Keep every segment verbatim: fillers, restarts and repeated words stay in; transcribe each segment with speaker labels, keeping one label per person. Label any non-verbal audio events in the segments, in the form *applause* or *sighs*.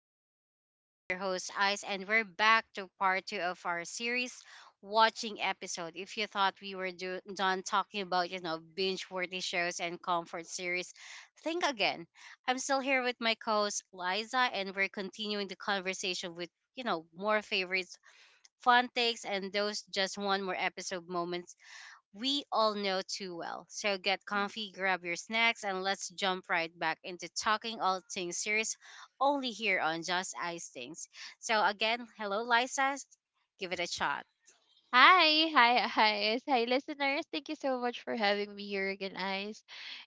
Speaker 1: Just Ice Things. I'm your host Ice and we're back to part two of our series watching episode. If you thought we were do- done talking about, you know, binge-worthy shows and comfort series, think again. I'm still here with my co-host Liza and we're continuing the conversation with, you know, more favorites, fun takes and those just one more episode moments we all know too well. So get comfy, grab your snacks, and let's jump right back into talking all things serious only here on Just Ice Things. So, again, hello, Liza. Give it a shot.
Speaker 2: Hi, hi, hi, yes, hi, listeners. Thank you so much for having me here again, Ice.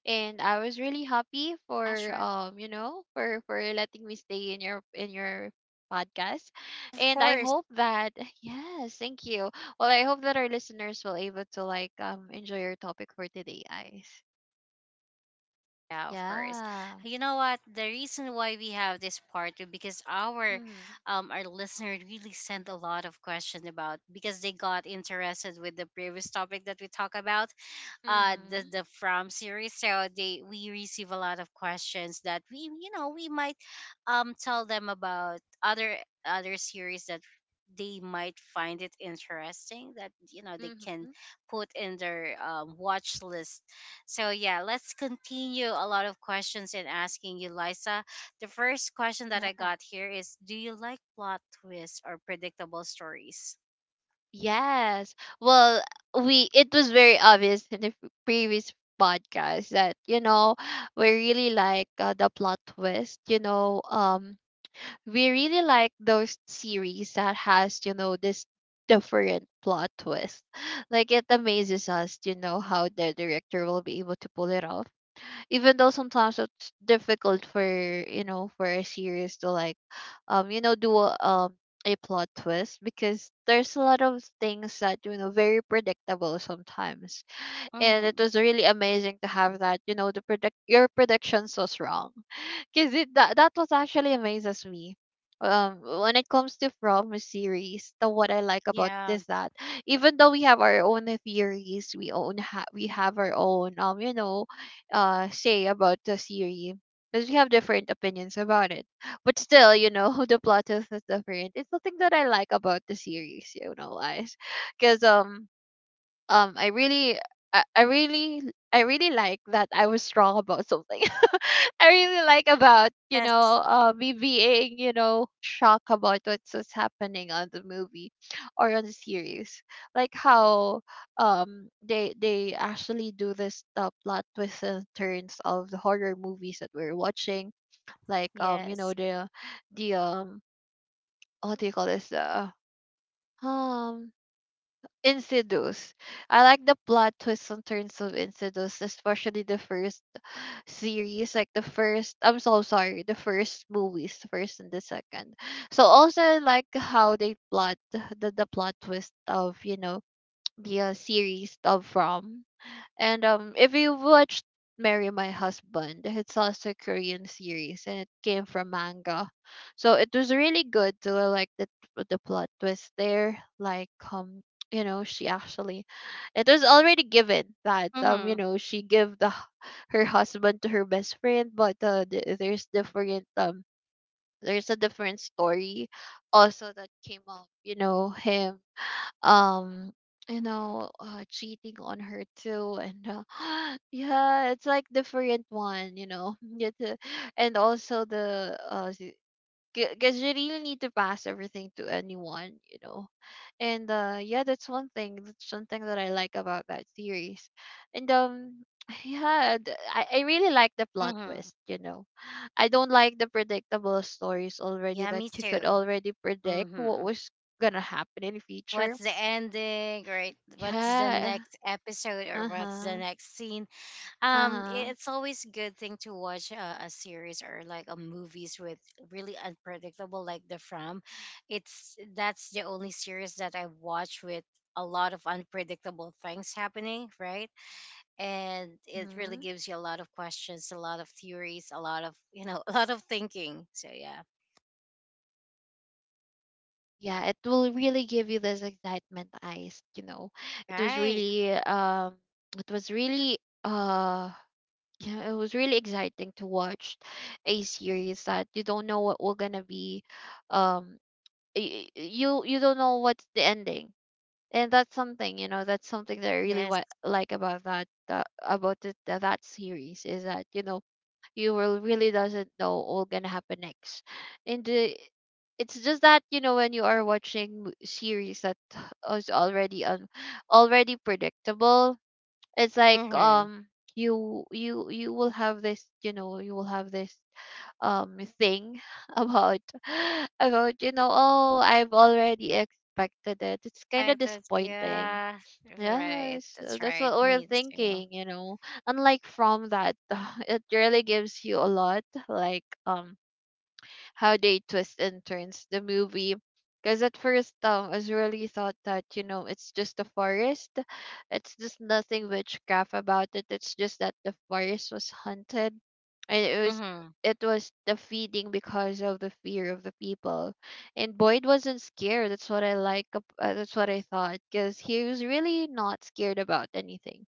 Speaker 2: And I was really happy
Speaker 1: Ah,
Speaker 2: for
Speaker 1: sure.
Speaker 2: um, you know, for for letting me stay in your in your podcast.
Speaker 1: Of
Speaker 2: And I
Speaker 1: course.
Speaker 2: hope that yes, thank you. Well, I hope that our listeners will able to like um enjoy your topic for today, Ice.
Speaker 1: Yeah, of course.
Speaker 2: Yeah.
Speaker 1: You know what? The reason why we have this part is because our
Speaker 2: Mhm.
Speaker 1: um our listener really sent a lot of questions about because they got interested with the previous topic that we talked about uh the
Speaker 2: Mhm.
Speaker 1: the from series, so they we receive a lot of questions that we you know we might um tell them about other other series that they might find it interesting that you know they can
Speaker 2: Mhm.
Speaker 1: put in their um, watch list. So yeah, let's continue a lot of questions and asking you, Liza. The first question that I
Speaker 2: Yeah.
Speaker 1: got here is, do you like plot twists or predictable stories?
Speaker 2: Yes. Well, we it was very obvious in the f- previous podcast that you know we really like uh, the plot twist. You know, um, we really like those series that has you know this different plot twist. Like it amazes us. You know how the director will be able to pull it off even though sometimes it's difficult for you know for a series to like um you know do a, um a plot twist because there's a lot of things that you know very predictable sometimes. And it
Speaker 1: mm,
Speaker 2: was really amazing to have that you know the predict your predictions was wrong because it that that was actually amazes me. Um, when it comes to from series, the what I like about
Speaker 1: yeah.
Speaker 2: this that even though we have our own theories, we own ha- we have our own um you know, uh say about the series because we have different opinions about it. But still, you know, *laughs* the plot is is different. It's the thing that I like about the series, you know, guys, because um um I really I, I really I really like that I was strong about something *laughs* I really like about you
Speaker 1: Yes,
Speaker 2: know uh, me being you know shocked about what's, what's happening on the movie or on the series, like how um they they actually do this uh, plot twists and turns of the horror movies that we're watching, like um you know
Speaker 1: yes.
Speaker 2: the the um what do you call this, uh, um Insidious. I like the plot twists and turns of Insidious, especially the first series, like the first. I'm so sorry, the first movies, the first and the second. So also I like how they plot the the plot twist of you know the uh, series of From. And um, if you watched Marry My Husband, it's also a Korean series and it came from manga. So it was really good to uh, like the the plot twist there. Like um, you know, she actually it was already given that um, you
Speaker 1: Mm-hmm.
Speaker 2: know, she give the h- her husband to her best friend, but uh, th- there's different um there's a different story also that came up, you know, him um you know uh, cheating on her too and uh, *gasps* yeah it's like different one you know *laughs* Yet, uh, and also the uh because you really need to pass everything to anyone you know. And uh yeah that's one thing that's something that I like about that series. And um *sighs* yeah th- I, I really like the plot
Speaker 1: Hmm.
Speaker 2: twist you know. I don't like the predictable stories already
Speaker 1: Yeah,
Speaker 2: that
Speaker 1: me
Speaker 2: you could
Speaker 1: too.
Speaker 2: already predict what
Speaker 1: Hmm.
Speaker 2: was gonna happen in future.
Speaker 1: What's the ending, right? What's the
Speaker 2: Yeah.
Speaker 1: next episode or what's the
Speaker 2: Uh-huh.
Speaker 1: next scene? Um,
Speaker 2: Uh-huh.
Speaker 1: it's always good thing to watch a, a series or like a movies with really unpredictable, like The From. It's that's the only series that I watch with a lot of unpredictable things happening, right? And it really
Speaker 2: Mm-hmm.
Speaker 1: gives you a lot of questions, a lot of theories, a lot of you know, *laughs* a lot of thinking. So yeah,
Speaker 2: Well, yeah, it will really give you this excitement, eyes, you know. It was
Speaker 1: right.
Speaker 2: really um it was really uh yeah, it was really exciting to watch a series that you don't know what we're gonna be, um y- y- you you don't know what's the ending. And that's something, you know, that's something that I really
Speaker 1: Yes.
Speaker 2: wa- like about that uh, about it, that that series is that, you know, you will really doesn't know all gonna happen next. And the it's just that you know when you are watching mo- series that is already un- already predictable, it's like
Speaker 1: Hmm.
Speaker 2: um you you you will have this you know you will have this um thing *laughs* about *laughs* about you know, oh, I've already expected it, it's kind of
Speaker 1: Expected,
Speaker 2: disappointing.
Speaker 1: yeah. Right,
Speaker 2: Yes, uh,
Speaker 1: that's
Speaker 2: that's
Speaker 1: right.
Speaker 2: what we're
Speaker 1: Me too.
Speaker 2: thinking, you know. Unlike from that, *laughs* it really gives you a lot, like um, how they twist and turns the movie. Because at first, um, I was really thought that, you know, it's just a forest. It's just nothing witchcraft about it. It's just that the forest was haunted. And it was
Speaker 1: Mm-hmm.
Speaker 2: it was the feeding because of the fear of the people. And Boyd wasn't scared. That's what I like. ab- Uh, that's what I thought. Because he was really not scared about anything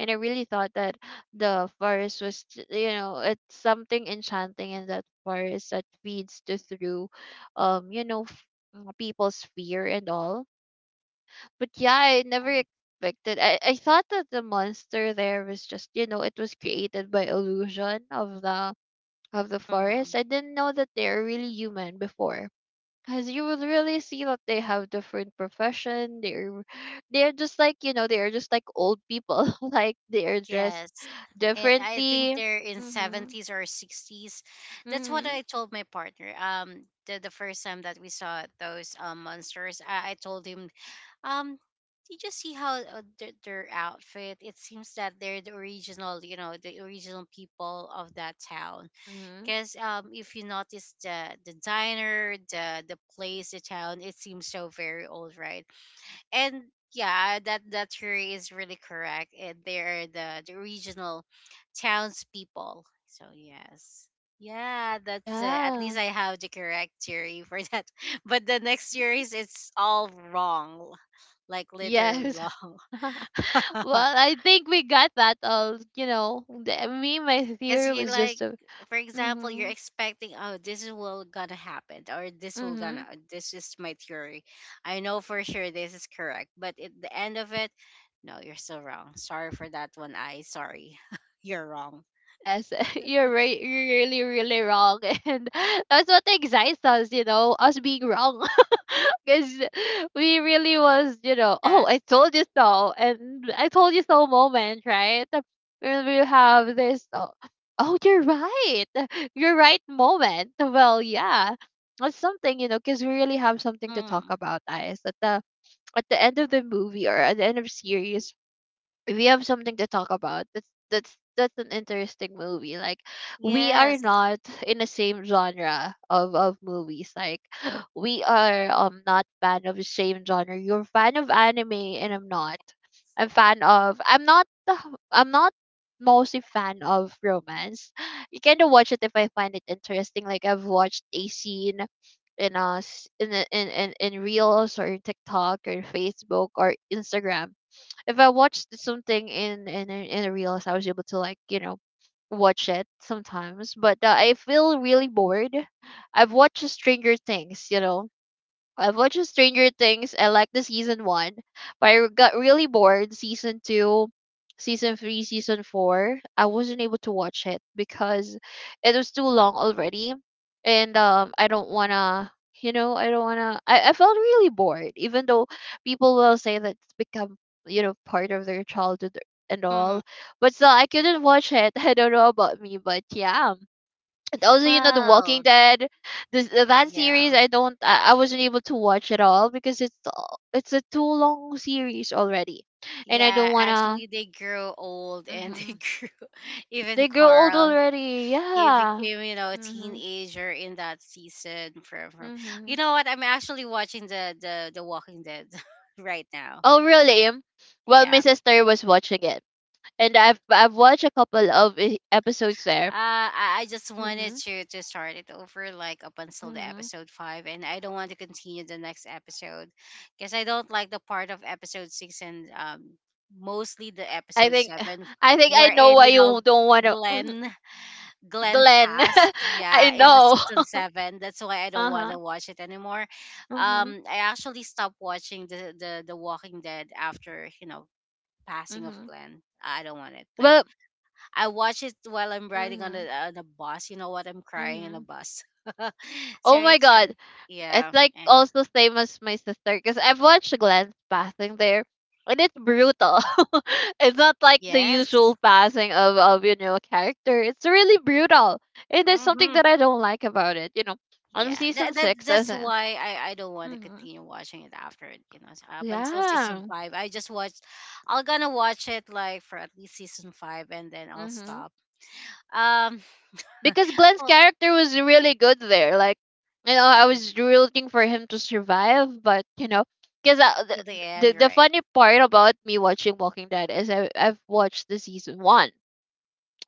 Speaker 2: and I really thought that the forest was, j- you know, it's something enchanting in that forest that feeds to through, um, you know, f- uh, people's fear and all. But yeah, I never expected. I I thought that the monster there was just, you know, it was created by illusion of the of the
Speaker 1: Mm-hmm.
Speaker 2: forest. I didn't know that they are really human before. Because you would really see that they have different profession. They're they're just like you know they're just like old people. *laughs* Like they're dressed
Speaker 1: Yes. And I think
Speaker 2: differently.
Speaker 1: they're in
Speaker 2: Mhm.
Speaker 1: seventies or sixties. That's what
Speaker 2: Mhm.
Speaker 1: I told my partner. Um, the, the first time that we saw those um, monsters, I, I told him, um, you just see how uh, their, their outfit. It seems that they're the original, you know, the original people of that town.
Speaker 2: Mhm.
Speaker 1: Because um, if you notice the the diner, the the place, the town, it seems so very old, right? And yeah, that that theory is really correct. Eh, they're the the regional townspeople. So yes, yeah, that's uh, at
Speaker 2: Yeah.
Speaker 1: least I have the correct theory for that. *laughs* But the next
Speaker 2: Mhm.
Speaker 1: series, it's all wrong, like literally
Speaker 2: Yes.
Speaker 1: wrong.
Speaker 2: *laughs*
Speaker 1: *laughs*
Speaker 2: Well, I think we got that all, you know. the- Me, my
Speaker 1: Because
Speaker 2: theory
Speaker 1: you're
Speaker 2: was just
Speaker 1: like,
Speaker 2: a
Speaker 1: for example, you're
Speaker 2: mhm.
Speaker 1: expecting, oh, this is will gonna happen, or this will gonna,
Speaker 2: Mhm.
Speaker 1: this is my theory. I know for sure this is correct, but at the end of it, no, you're still wrong. Sorry for that one. I sorry, *laughs* you're wrong.
Speaker 2: Yes, *laughs* you're right. You're really, really wrong. *laughs* And that's what excites us, you know, us being wrong. *laughs* Because we really was, you know,
Speaker 1: Yeah.
Speaker 2: oh, I told you so. And I told you so moment, right? And we have this, oh, oh, you're right. *laughs* You're right moment. Well, yeah. That's something, you know, because we really have something to talk
Speaker 1: Mm.
Speaker 2: about, guys. At the at the end of the movie or at the end of series, we have something to talk about. That's that's that's an interesting movie. Like we are
Speaker 1: Yes.
Speaker 2: not in the same genre of, of movies. Like *gasps* we are um not fan of the same genre. You're fan of anime and I'm not. I'm fan of I'm not the- I'm not mostly fan of romance. You kind of watch it if I find it interesting. Like I've watched a scene in us in, a- in in in reels or in TikTok or Facebook or Instagram. If I watched something in in a- In a reels, I was able to like you know watch it sometimes. But uh, I feel really bored. I've watched Stranger Things, you know, I've watched Stranger Things. I like the season one, but I got really bored season two, season three, season four. I wasn't able to watch it because it was too long already, and um, I don't wanna. You know, I don't wanna. I, I felt really bored, even though people will say that it's become you know part of their childhood and
Speaker 1: Hmm.
Speaker 2: all. But still, I couldn't watch it. *laughs* I don't know about me, but yeah. And also you know the walking
Speaker 1: Well,
Speaker 2: dead, this uh, that series
Speaker 1: yeah.
Speaker 2: I don't I, I wasn't able to watch at all because it's a- it's a too long series already and I
Speaker 1: Yeah,
Speaker 2: don't wanna.
Speaker 1: actually, they grew old and they
Speaker 2: Hmm.
Speaker 1: grew, *laughs* even
Speaker 2: They grow old
Speaker 1: Carl,
Speaker 2: already,
Speaker 1: he
Speaker 2: yeah.
Speaker 1: became you know a
Speaker 2: Mm-hmm,
Speaker 1: teenager in that season from, from
Speaker 2: mm-hmm.
Speaker 1: you know what, I'm actually watching the the, the Walking Dead *laughs* right now.
Speaker 2: Oh really. Well my
Speaker 1: Yeah,
Speaker 2: sister was watching it and i've i've watched a couple of e- episodes there.
Speaker 1: uh, I I just wanted
Speaker 2: Mm-hmm,
Speaker 1: to to start it over like up until the
Speaker 2: mm-hmm.
Speaker 1: episode five, and I don't want to continue the next episode because I don't like the part of episode six and um mostly the
Speaker 2: I
Speaker 1: episode
Speaker 2: think
Speaker 1: seven
Speaker 2: *sighs* I think I know
Speaker 1: wherein
Speaker 2: why
Speaker 1: you know
Speaker 2: you don't want to. *laughs*
Speaker 1: Glenn Glenn
Speaker 2: Glenn.
Speaker 1: passed,
Speaker 2: *laughs* I
Speaker 1: yeah, in the
Speaker 2: know.
Speaker 1: season seven. That's why I
Speaker 2: *laughs*
Speaker 1: don't want
Speaker 2: Uh-huh.
Speaker 1: to watch it anymore.
Speaker 2: Mm-hmm.
Speaker 1: Um, I actually stopped watching the, the the Walking Dead after you know passing of Glenn. I don't want it. Like,
Speaker 2: Well,
Speaker 1: I watch it while I'm riding on
Speaker 2: mhm,
Speaker 1: the on the bus. You know what? I'm crying on the
Speaker 2: mhm.
Speaker 1: bus. *laughs* So
Speaker 2: Oh my
Speaker 1: it's
Speaker 2: god,
Speaker 1: really
Speaker 2: it's
Speaker 1: yeah.
Speaker 2: like
Speaker 1: And-
Speaker 2: also same as my sister because I've watched Glenn's passing there, and it's brutal. *laughs* It's not like the
Speaker 1: yes.
Speaker 2: usual passing of of you know a character. It's really brutal, and there's something
Speaker 1: Hmm.
Speaker 2: that I don't like about it. You know, on
Speaker 1: Yeah,
Speaker 2: season
Speaker 1: that, that
Speaker 2: six, I
Speaker 1: that's
Speaker 2: think.
Speaker 1: why I, I don't want to
Speaker 2: Hmm.
Speaker 1: continue watching it after it, you know s- up until season
Speaker 2: Yeah.
Speaker 1: five. I just watched. I'm gonna watch it like for at least season five, and then I'll
Speaker 2: Hmm.
Speaker 1: stop. Um, *laughs*
Speaker 2: Because Glenn's
Speaker 1: oh
Speaker 2: character was really good there. Like, you know, I
Speaker 1: yeah,
Speaker 2: was rooting for him to survive, but you know, because
Speaker 1: till
Speaker 2: the,
Speaker 1: the
Speaker 2: the
Speaker 1: end,
Speaker 2: the
Speaker 1: right?
Speaker 2: funny part about me watching Walking Dead is I I've watched the season one,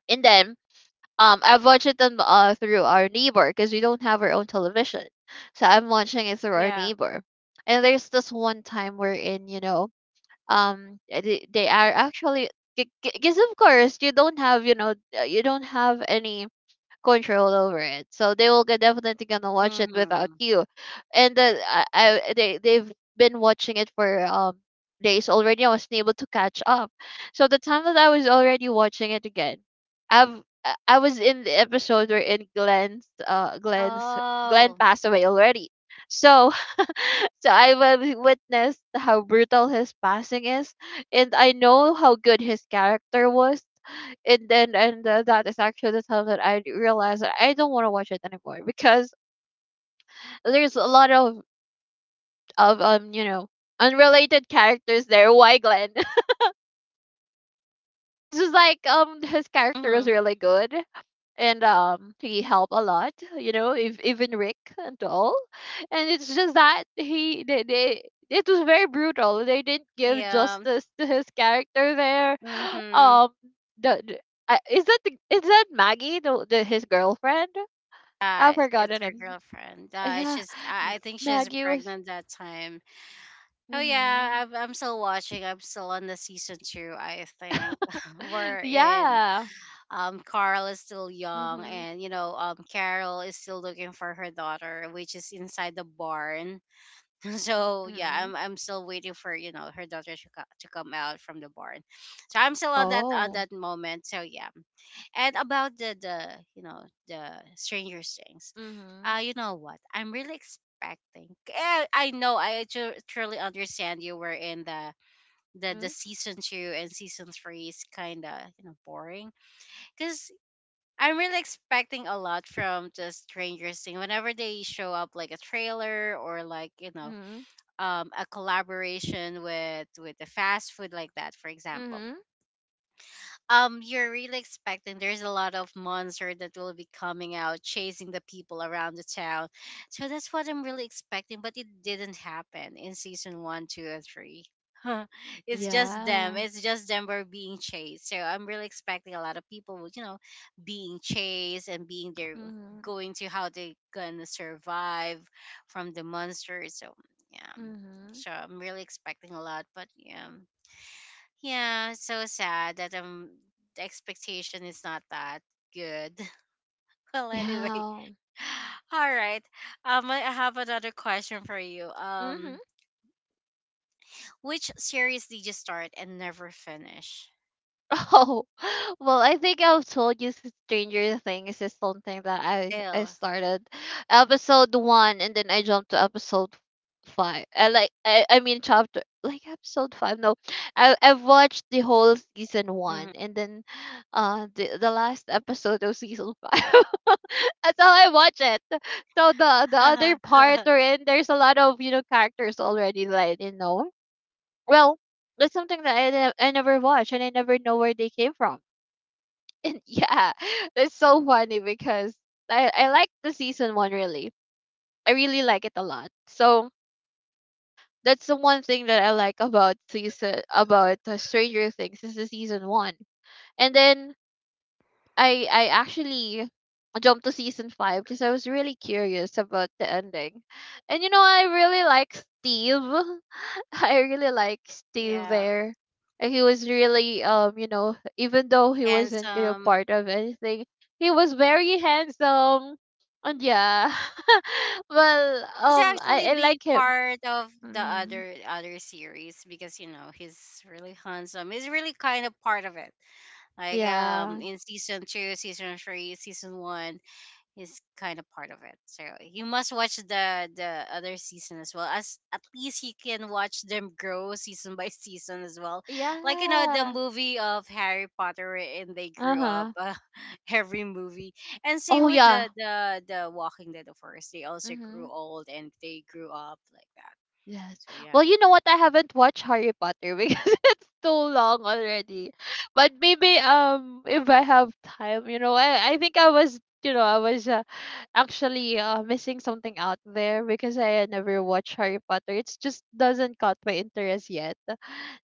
Speaker 2: and then um I've watched it on, uh, through our neighbor because we don't have our own television, so I'm watching it through our
Speaker 1: Yeah.
Speaker 2: neighbor, and there's this one time wherein you know um eh, they, they are actually because of course you don't have you know uh, you don't have any control over it. So they will get definitely gonna watch it without
Speaker 1: Mm-hmm.
Speaker 2: you. And then I, I they they've been watching it for um days already. I wasn't able to catch up. So the time that I was already watching it again, I've I I was in the episode where in Glenn's uh Glenn's Glenn
Speaker 1: Oh.
Speaker 2: passed away already. So *laughs* so I wi- witnessed how brutal his passing is and I know how good his character was. And then and uh, that is actually the time that I realized that I don't want to watch it anymore because there's a lot of of um you know unrelated characters there. Why Glenn? *laughs* It's just like um his character
Speaker 1: Mm-hmm.
Speaker 2: was really good and um he helped a lot. You know, if, even Rick and all, and it's just that he they. They it was very brutal. They didn't give
Speaker 1: Yeah.
Speaker 2: justice to his character there. *gasps*
Speaker 1: Mm-hmm.
Speaker 2: Um, the, the I- Is that the, is that Maggie, the, the his girlfriend? I've
Speaker 1: Uh, it's
Speaker 2: forgotten
Speaker 1: her
Speaker 2: him.
Speaker 1: girlfriend. Uh,
Speaker 2: Yeah,
Speaker 1: she's. I
Speaker 2: M
Speaker 1: I think she's
Speaker 2: Maggie was.
Speaker 1: pregnant that time. Oh
Speaker 2: Mhm.
Speaker 1: yeah, I'm I'm still watching. I'm still on the season two, I think. *laughs*
Speaker 2: *laughs*
Speaker 1: We're in
Speaker 2: Yeah.
Speaker 1: um Carl is still young
Speaker 2: Mhm.
Speaker 1: and you know, um Carol is still looking for her daughter, which is inside the barn. *laughs* So yeah,
Speaker 2: Mhm.
Speaker 1: I'm I'm still waiting for you know her daughter to, co- to come out from the barn. So I'm still on that on
Speaker 2: Oh.
Speaker 1: that moment. So yeah, and about the the you know the Stranger Things,
Speaker 2: Mhm.
Speaker 1: uh, you know what? I'm really expecting. eh, I know I tru- truly understand you were in the the the
Speaker 2: Mhm.
Speaker 1: season two and season three is kind of you know boring because. I'm really expecting a lot from the Stranger Things. Whenever they show up like a trailer or like, you know,
Speaker 2: Mhm.
Speaker 1: um, a collaboration with with a fast food like that for example.
Speaker 2: Mhm.
Speaker 1: Um you're really expecting there's a lot of monster that will be coming out chasing the people around the town, so that's what I'm really expecting, but it didn't happen in season one two and three. *laughs* It's just them,
Speaker 2: Yeah.
Speaker 1: it's just them were being chased, so I'm really expecting a lot of people would you know being chased and being there
Speaker 2: Mhm.
Speaker 1: going to how they gonna survive from the monsters. So yeah,
Speaker 2: Mhm.
Speaker 1: so I'm really expecting a lot, but yeah, yeah, it's so sad that um the expectation is not that good. *laughs* Well, anyway,
Speaker 2: Yeah.
Speaker 1: *sighs* all right. Um, I I have another question for you.
Speaker 2: Mhm.
Speaker 1: Um, which series did you start and never finish?
Speaker 2: Oh, *laughs* well, I think I've told you s- Stranger Things is something that I I
Speaker 1: Still.
Speaker 2: started episode one, and then I jumped to episode five. I like I, I mean chapter, like, episode five. No, I I've watched the whole season one,
Speaker 1: Mhm.
Speaker 2: and then uh the the last episode of season five. *laughs* That's how I watch it. So the the other part, or
Speaker 1: *laughs*
Speaker 2: in there's a lot of, you know characters already that I didn't know. Well, that's something that I, ne- I never watched, and I never know where they came from, and yeah, *laughs* that's so funny because I, I like the season one, really. I really like it a lot. So that's the one thing that I like about season about uh, Stranger Things is the season one. And then I I actually jumped to season five because I was really curious about the ending, and you know I really like Steve. *laughs* I really like Steve
Speaker 1: Yeah,
Speaker 2: there. And He was really um you know even though he wasn't, you know part
Speaker 1: handsome.
Speaker 2: of anything, he was very handsome, and yeah, *laughs* well,
Speaker 1: He's
Speaker 2: um I
Speaker 1: actually
Speaker 2: I
Speaker 1: being
Speaker 2: like him.
Speaker 1: part of the
Speaker 2: Mm,
Speaker 1: other other series because you know he's really handsome. He's really kind of part of it. Like
Speaker 2: yeah,
Speaker 1: um in season two, season three, season one is kind of part of it. So you must watch the the other season as well. As at least you can watch them grow *laughs* season by season as well. Like you know the
Speaker 2: yeah.
Speaker 1: movie of Harry Potter and they
Speaker 2: Uh
Speaker 1: grew up
Speaker 2: huh.
Speaker 1: uh, *laughs* every movie. And same
Speaker 2: Oh
Speaker 1: with
Speaker 2: yeah.
Speaker 1: the the the Walking Dead of course. They also
Speaker 2: Mm-hmm.
Speaker 1: grew old and they grew up like that.
Speaker 2: Yes.
Speaker 1: So yeah.
Speaker 2: Well, you know what? I haven't watched Harry Potter because *laughs* it's too long already. But maybe um if I have time, you know, I I think I was you know I was uh, actually uh, missing something out there because I had never watched Harry Potter. It's just doesn't caught my interest yet.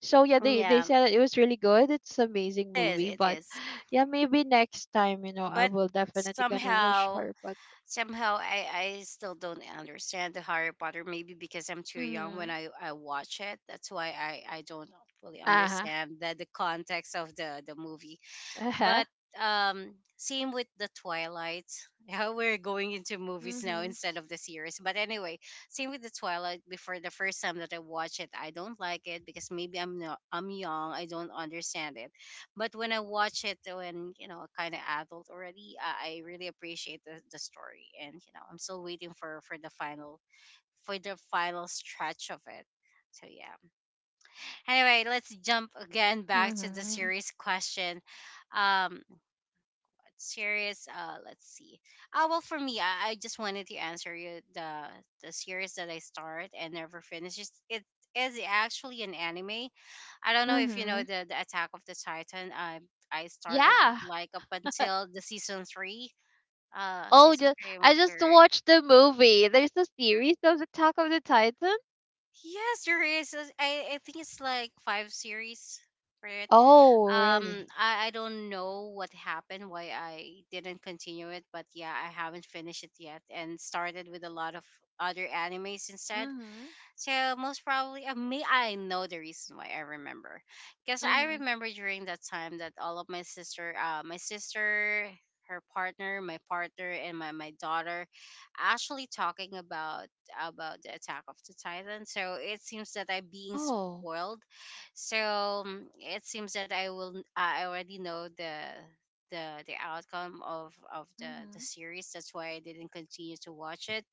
Speaker 2: So yeah, they they
Speaker 1: Yeah,
Speaker 2: said it was really good. It's amazing
Speaker 1: it is,
Speaker 2: movie.
Speaker 1: it
Speaker 2: But
Speaker 1: is.
Speaker 2: yeah, maybe next time, you know I
Speaker 1: But
Speaker 2: will definitely gonna watch
Speaker 1: somehow,
Speaker 2: Harry Potter.
Speaker 1: somehow I, I still don't understand the Harry Potter. Maybe because I'm too young when
Speaker 2: Hmm.
Speaker 1: I, I watch it. That's why I, I don't fully
Speaker 2: Uh huh.
Speaker 1: understand the, the context of the, the movie.
Speaker 2: Uh huh.
Speaker 1: But um, same with the Twilight. *laughs* Yeah, we're going into movies now
Speaker 2: Mm-hmm.
Speaker 1: instead of the series. But anyway, same with the Twilight. Before the first time that I watched it, I don't like it because maybe I'm not, I'm young. I don't understand it. But when I watch it, when you know, kind of adult already, I, I really appreciate the, the story. And you know, I'm still waiting for for the final, for the final stretch of it. So yeah. Anyway, let's jump again back to the
Speaker 2: Hmm.
Speaker 1: series question. Um, series uh let's see. Ah, well for me, i, I just wanted to answer you the the series that I start and never finish. It's, it is actually an anime. I don't know if you know
Speaker 2: Mm-hmm.
Speaker 1: the, the Attack of the Titan. i I started
Speaker 2: Yeah.
Speaker 1: like up until the season three, uh
Speaker 2: Oh,
Speaker 1: season
Speaker 2: just
Speaker 1: three, am I
Speaker 2: I just
Speaker 1: correct?
Speaker 2: watched the movie. There's a series of Attack of the Titan.
Speaker 1: Yes, there is. I I think it's like five series for it.
Speaker 2: Oh,
Speaker 1: Um,
Speaker 2: really?
Speaker 1: I, I don't know what happened why I didn't continue it, but yeah, I haven't finished it yet and started with a lot of other animes instead.
Speaker 2: Mm-hmm.
Speaker 1: So most probably, uh, may I know the reason why I remember, because I
Speaker 2: Mm-hmm.
Speaker 1: remember during that time that all of my sister, uh, my sister, her partner, my partner, and my my daughter, actually talking about about the Attack of the Titan. So it seems that I'm being
Speaker 2: Oh.
Speaker 1: spoiled. So mm, it seems that I will. Uh, I already know the. The, the outcome of, of the, the
Speaker 2: Mm-hmm.
Speaker 1: series, that's why I didn't continue to watch it,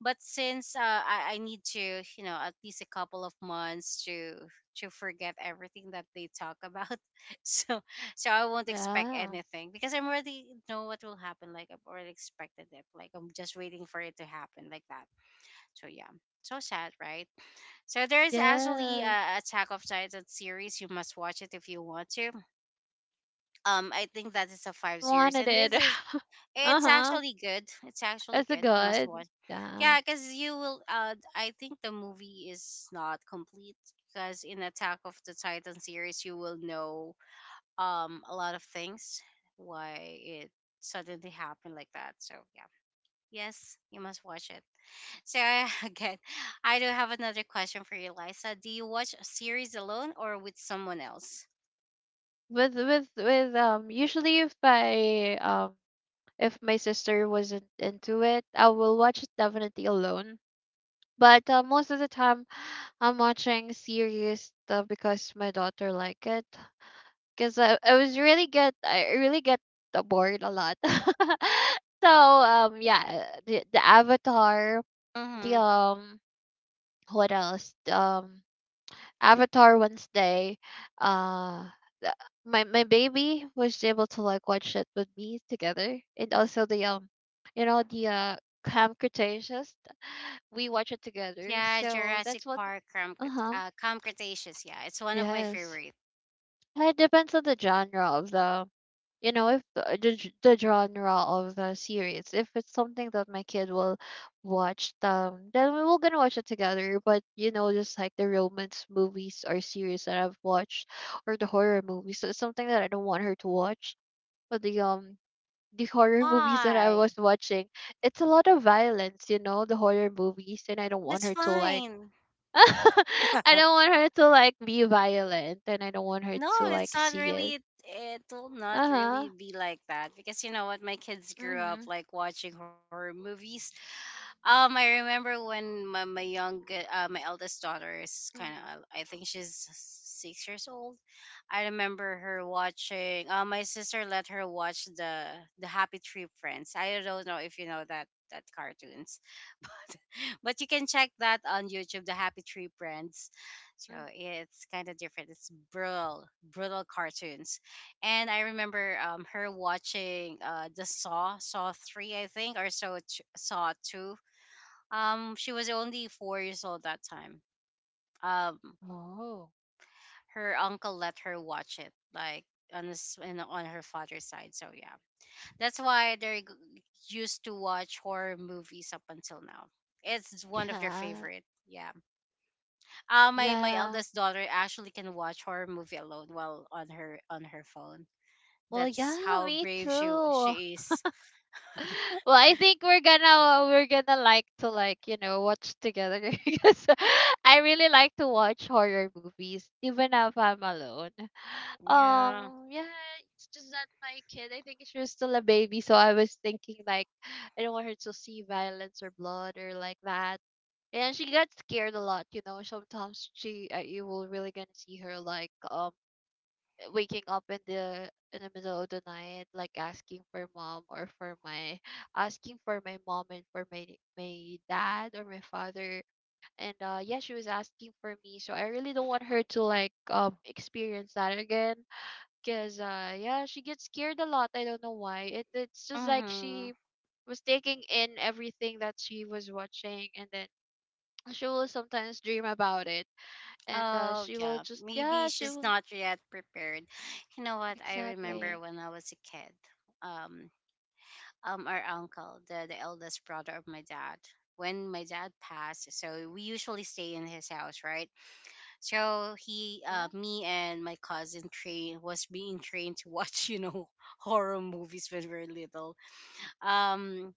Speaker 1: but since uh, I, I need to you know at least a couple of months to to forget everything that they talk about. *laughs* So, so I won't expect
Speaker 2: Yeah.
Speaker 1: anything because I'm already know what will happen. Like I've already expected it, like I'm just waiting for it to happen like that. So yeah, so sad, right? So there is actually
Speaker 2: Yes.
Speaker 1: a Attack of Titan series, you must watch it if you want to. um I think that is a five series
Speaker 2: Wanted
Speaker 1: and
Speaker 2: it.
Speaker 1: this is
Speaker 2: *laughs*
Speaker 1: it's
Speaker 2: Uh-huh.
Speaker 1: actually good. It's actually
Speaker 2: That's a
Speaker 1: good. Must
Speaker 2: good.
Speaker 1: watch.
Speaker 2: Yeah.
Speaker 1: Yeah, because you will. Uh, I think the movie is not complete because in Attack of the Titan series, you will know um a lot of things why it suddenly happened like that. So yeah, yes, you must watch it. So *laughs* again, I do have another question for you, Lisa. Do you watch a series alone or with someone else?
Speaker 2: With with with um usually, if I um if my sister wasn't into it, I will watch it definitely alone. But uh, most of the time, *sighs* I'm watching series, uh, because my daughter like it. Cause I, I was really get I really get uh, bored a lot. *laughs* So um yeah, the, the Avatar, the
Speaker 1: Mm-hmm.
Speaker 2: um what else? Um Avatar, Wednesday. Uh, the- my my baby was able to like watch it with me together, and also the um, you know the uh Camp Cretaceous. We watch it together.
Speaker 1: Yeah,
Speaker 2: So
Speaker 1: Jurassic
Speaker 2: that's one.
Speaker 1: Park, Cram,
Speaker 2: Uh huh.
Speaker 1: uh, Cretaceous. Yeah, it's one of my
Speaker 2: Yes.
Speaker 1: favorite.
Speaker 2: Uh, it depends on the genre of the, you know, if the, the g- the genre of the series. If it's something that my kid will watch, um, then we will gonna watch it together. But you know, just like the romance movies or series that I've watched, or the horror movies, so it's something that I don't want her to watch. But the um the horror *laughs* movies that I
Speaker 1: Why?
Speaker 2: was watching, it's a lot of violence, you know, the horror movies, and I don't want
Speaker 1: That's
Speaker 2: her to like
Speaker 1: fine.
Speaker 2: *laughs* I don't want her to like be violent, and I don't want her
Speaker 1: No,
Speaker 2: to
Speaker 1: it's
Speaker 2: like
Speaker 1: not
Speaker 2: see it.
Speaker 1: really. It will not
Speaker 2: Uh-huh.
Speaker 1: really be like that because you know what? My kids grew
Speaker 2: Mhm.
Speaker 1: up like watching horror movies. Um, I remember when my my young uh, my eldest daughter is kind
Speaker 2: Mhm.
Speaker 1: of I think she's six years old. I remember her watching. Uh, my sister let her watch the the Happy Tree Friends. I don't know if you know that that cartoon. But you can check that on YouTube, the Happy Tree Friends. So
Speaker 2: Mhm.
Speaker 1: it's kind of different. It's brutal, brutal cartoons. And I remember um, her watching uh, the Saw, Saw three, I think, or so t- Saw two. Um, she was only four years old that time. Um,
Speaker 2: Oh.
Speaker 1: her uncle let her watch it, like on this and on her father's side. So yeah, that's why they're g- used to watch horror movies up until now. It's one of their
Speaker 2: Yeah.
Speaker 1: favorite. Yeah. Uh, my my
Speaker 2: Yeah.
Speaker 1: eldest daughter actually can watch horror movie alone while on her on her phone.
Speaker 2: Well,
Speaker 1: That's
Speaker 2: yeah,
Speaker 1: how
Speaker 2: me
Speaker 1: brave she
Speaker 2: too.
Speaker 1: she is.
Speaker 2: *laughs* Well, I think we're gonna we're gonna like to, like, you know watch together *laughs* because I really like to watch horror movies, even if I'm alone.
Speaker 1: Yeah.
Speaker 2: Um, yeah, it's just that my kid, I think she was still a baby, so I was thinking, like, I don't want her to see violence or blood or like that. And she got scared a lot, you know. Sometimes she, uh, you will really gonna see her, like, um waking up in the in the middle of the night, like, asking for mom or for my asking for my mom and for my my dad or my father, and uh yeah, she was asking for me. So I really don't want her to, like, um experience that again, because uh yeah, she gets scared a lot, I don't know why. It, it's just like
Speaker 1: Mhm.
Speaker 2: she was taking in everything that she was watching, and then she will sometimes dream about it, and uh
Speaker 1: Oh
Speaker 2: she will
Speaker 1: yeah.
Speaker 2: just,
Speaker 1: Maybe
Speaker 2: yeah, she
Speaker 1: she's
Speaker 2: will
Speaker 1: not yet prepared. You know what? I remember
Speaker 2: exactly
Speaker 1: when I was a kid. Um. Um. Our uncle, the the eldest brother of my dad. When my dad passed, so we usually stay in his house, right? So he, uh,
Speaker 2: yeah.
Speaker 1: me, and my cousin train was being trained to watch, *laughs* you know, horror movies when we were little. Um,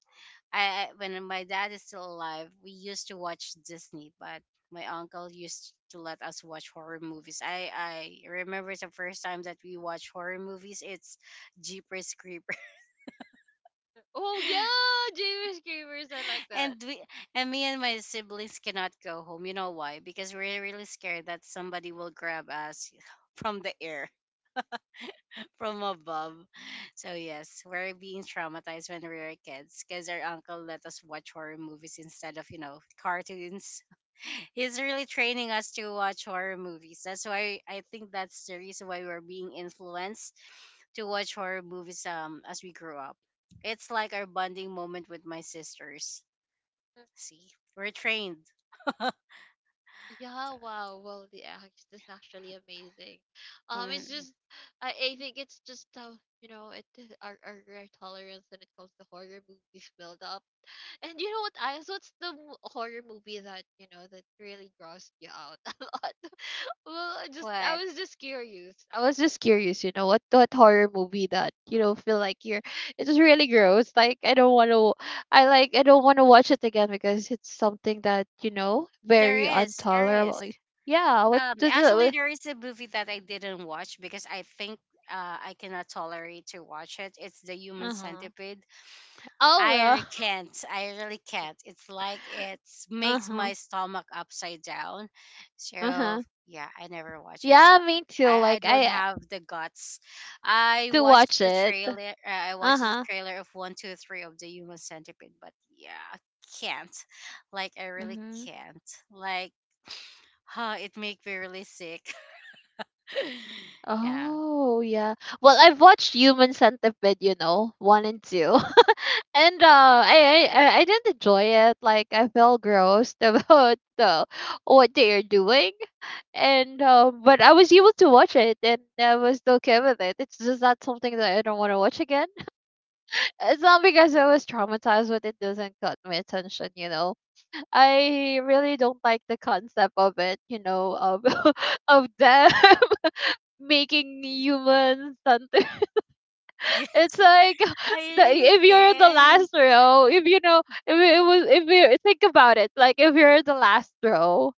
Speaker 1: I I- when my dad is still alive, we used to watch Disney, but my uncle used to let us watch horror movies. I I remember the first time that we watched horror movies. It's Jeepers Creepers,
Speaker 2: Oh yeah, James Gamers, I like
Speaker 1: *laughs* and
Speaker 2: that.
Speaker 1: we and me and my siblings cannot go home. You know why? Because we're really scared that somebody will grab us *laughs* from the air, from above. So yes, we're being traumatized when we were kids because our uncle let us watch horror movies instead of you know cartoons. *laughs* He's really training us to watch horror movies. That's why I think that's the reason why we're being influenced to watch horror movies um as we grew up. It's like our bonding moment with my sisters.
Speaker 2: Uh,
Speaker 1: See, we're trained.
Speaker 2: Yeah, wow. Well, the act is actually amazing. Um, it's
Speaker 1: Mm,
Speaker 2: just I, I think it's just how, you know it, *laughs* our our, our tolerance when it comes to horror movies build up. And you know what? I What's the mo- horror movie that you know that really grossed you out *laughs* a lot? Well, I just
Speaker 1: But
Speaker 2: I was just curious. I was just curious, you know, what what horror movie that, you know, feel like you're it's really gross. Like, I don't want to. I like I don't want to watch it again because it's something that, you know,
Speaker 1: there
Speaker 2: very
Speaker 1: is, there
Speaker 2: intolerable.
Speaker 1: is.
Speaker 2: Like, yeah, what
Speaker 1: Um,
Speaker 2: does
Speaker 1: actually,
Speaker 2: it.
Speaker 1: there is a movie that I didn't watch because I think uh, I cannot tolerate to watch it. It's the Human
Speaker 2: Uh-huh.
Speaker 1: Centipede.
Speaker 2: Oh
Speaker 1: I
Speaker 2: well.
Speaker 1: re-
Speaker 2: *laughs*
Speaker 1: can't. I really can't. It's like it makes
Speaker 2: Uh-huh.
Speaker 1: my stomach upside down. So
Speaker 2: Uh-huh.
Speaker 1: yeah, I never watch it.
Speaker 2: Yeah,
Speaker 1: Sorry.
Speaker 2: me too.
Speaker 1: I, I
Speaker 2: Like
Speaker 1: don't
Speaker 2: I
Speaker 1: have the guts. I
Speaker 2: To
Speaker 1: watched
Speaker 2: watch
Speaker 1: the
Speaker 2: it.
Speaker 1: trailer. Uh, I watched the
Speaker 2: Uh-huh.
Speaker 1: trailer of one, two, three of the Human Centipede, but yeah, I can't. Like I really
Speaker 2: Mhm.
Speaker 1: can't. Like, *sighs* huh, it make me really sick. *laughs* yeah.
Speaker 2: Oh, yeah. Well, I've watched Human Centipede, you know, one and two. And uh, I, I I I didn't enjoy it. Like, I felt grossed *laughs* about the what they are doing, and um, but I was able to watch it, and I was okay with it. It's just not something that I don't want to watch again. *laughs* It's not because I was traumatized, but it doesn't cut my attention. You know, I really don't like the concept of it. You know, of *laughs* of them *laughs* making humans something. It's
Speaker 1: Yes,
Speaker 2: like *laughs*
Speaker 1: I
Speaker 2: the,
Speaker 1: really
Speaker 2: if you're in the
Speaker 1: can.
Speaker 2: last row, if you know, if it was, if you think about it, like, if you're in the last row,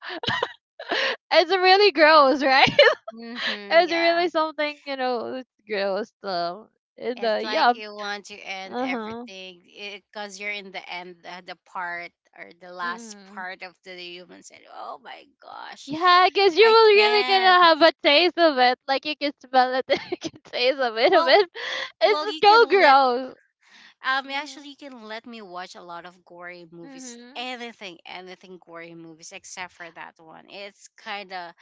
Speaker 2: *laughs* it's really
Speaker 1: Yeah.
Speaker 2: gross, right? *laughs*
Speaker 1: Mm-hmm,
Speaker 2: It's
Speaker 1: yeah.
Speaker 2: really something, you know, it's gross. Um, in the
Speaker 1: It's
Speaker 2: yeah,
Speaker 1: like you want to end
Speaker 2: uh huh.
Speaker 1: everything because you're in the end, uh, the part or the last
Speaker 2: Mm.
Speaker 1: part of the human said, "Oh my gosh,
Speaker 2: Yeah, because you
Speaker 1: I
Speaker 2: will really
Speaker 1: can't."
Speaker 2: gonna have a taste of it. Like, you can smell it, *laughs* you can taste a bit of
Speaker 1: Well,
Speaker 2: it. It's
Speaker 1: well, you can
Speaker 2: so
Speaker 1: let
Speaker 2: gross.
Speaker 1: um
Speaker 2: Mm-hmm.
Speaker 1: actually you can let me watch a lot of gory movies,
Speaker 2: Mm-hmm.
Speaker 1: anything, anything gory movies except for that one. It's kind of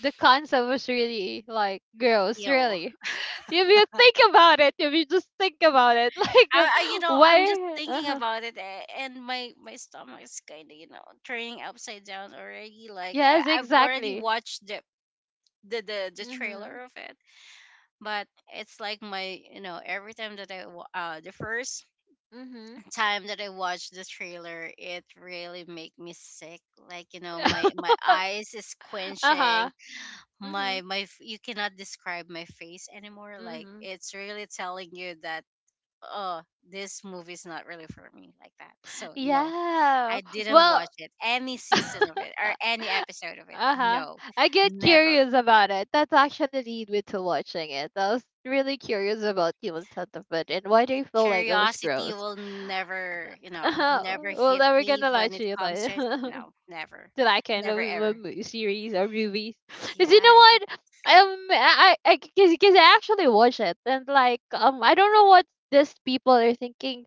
Speaker 2: The concept was really, like, gross,
Speaker 1: ew.
Speaker 2: really. *laughs* If you think about it, if you just think about it, *laughs* like, uh,
Speaker 1: I, I you know I'm just
Speaker 2: why?
Speaker 1: thinking
Speaker 2: Uh-huh.
Speaker 1: about it a- and my my stomach is kind of you know turning upside down already. Like I,
Speaker 2: Yes,
Speaker 1: I've already
Speaker 2: exactly.
Speaker 1: watched the the the the trailer
Speaker 2: Mhm.
Speaker 1: of it, but it's like my you know every time that i wa- uh the first
Speaker 2: Mhm.
Speaker 1: *laughs* time that I watched the trailer it really make me sick, like you know my
Speaker 2: *laughs*
Speaker 1: my eyes is
Speaker 2: Uh
Speaker 1: quenching,
Speaker 2: huh. Mhm.
Speaker 1: my my f- you cannot describe my face anymore, like
Speaker 2: Mhm.
Speaker 1: it's really telling you that, oh, this movie is not really for me, like that. So no,
Speaker 2: Yeah.
Speaker 1: I didn't watch
Speaker 2: Well.
Speaker 1: it, any season of it or
Speaker 2: *laughs*
Speaker 1: any episode of it.
Speaker 2: Uh huh.
Speaker 1: No,
Speaker 2: I get
Speaker 1: never.
Speaker 2: curious about it. That's actually the lead me to watching it. I was really curious about human centipede, and why do you feel like it was
Speaker 1: Curiosity
Speaker 2: gross?
Speaker 1: will never,
Speaker 2: *laughs*
Speaker 1: you know,
Speaker 2: Uh-huh.
Speaker 1: never
Speaker 2: Well,
Speaker 1: hit
Speaker 2: never
Speaker 1: me
Speaker 2: gonna lie
Speaker 1: when
Speaker 2: to
Speaker 1: it
Speaker 2: you,
Speaker 1: comes
Speaker 2: like, *laughs*
Speaker 1: to,
Speaker 2: to
Speaker 1: no, never,
Speaker 2: that kind of
Speaker 1: never
Speaker 2: a
Speaker 1: ever.
Speaker 2: mo- series or movies. *laughs* Cause you know
Speaker 1: Yeah.
Speaker 2: what, um, I, I, I- cause, cause I actually watch it, and, like, um, I don't know what these people are thinking,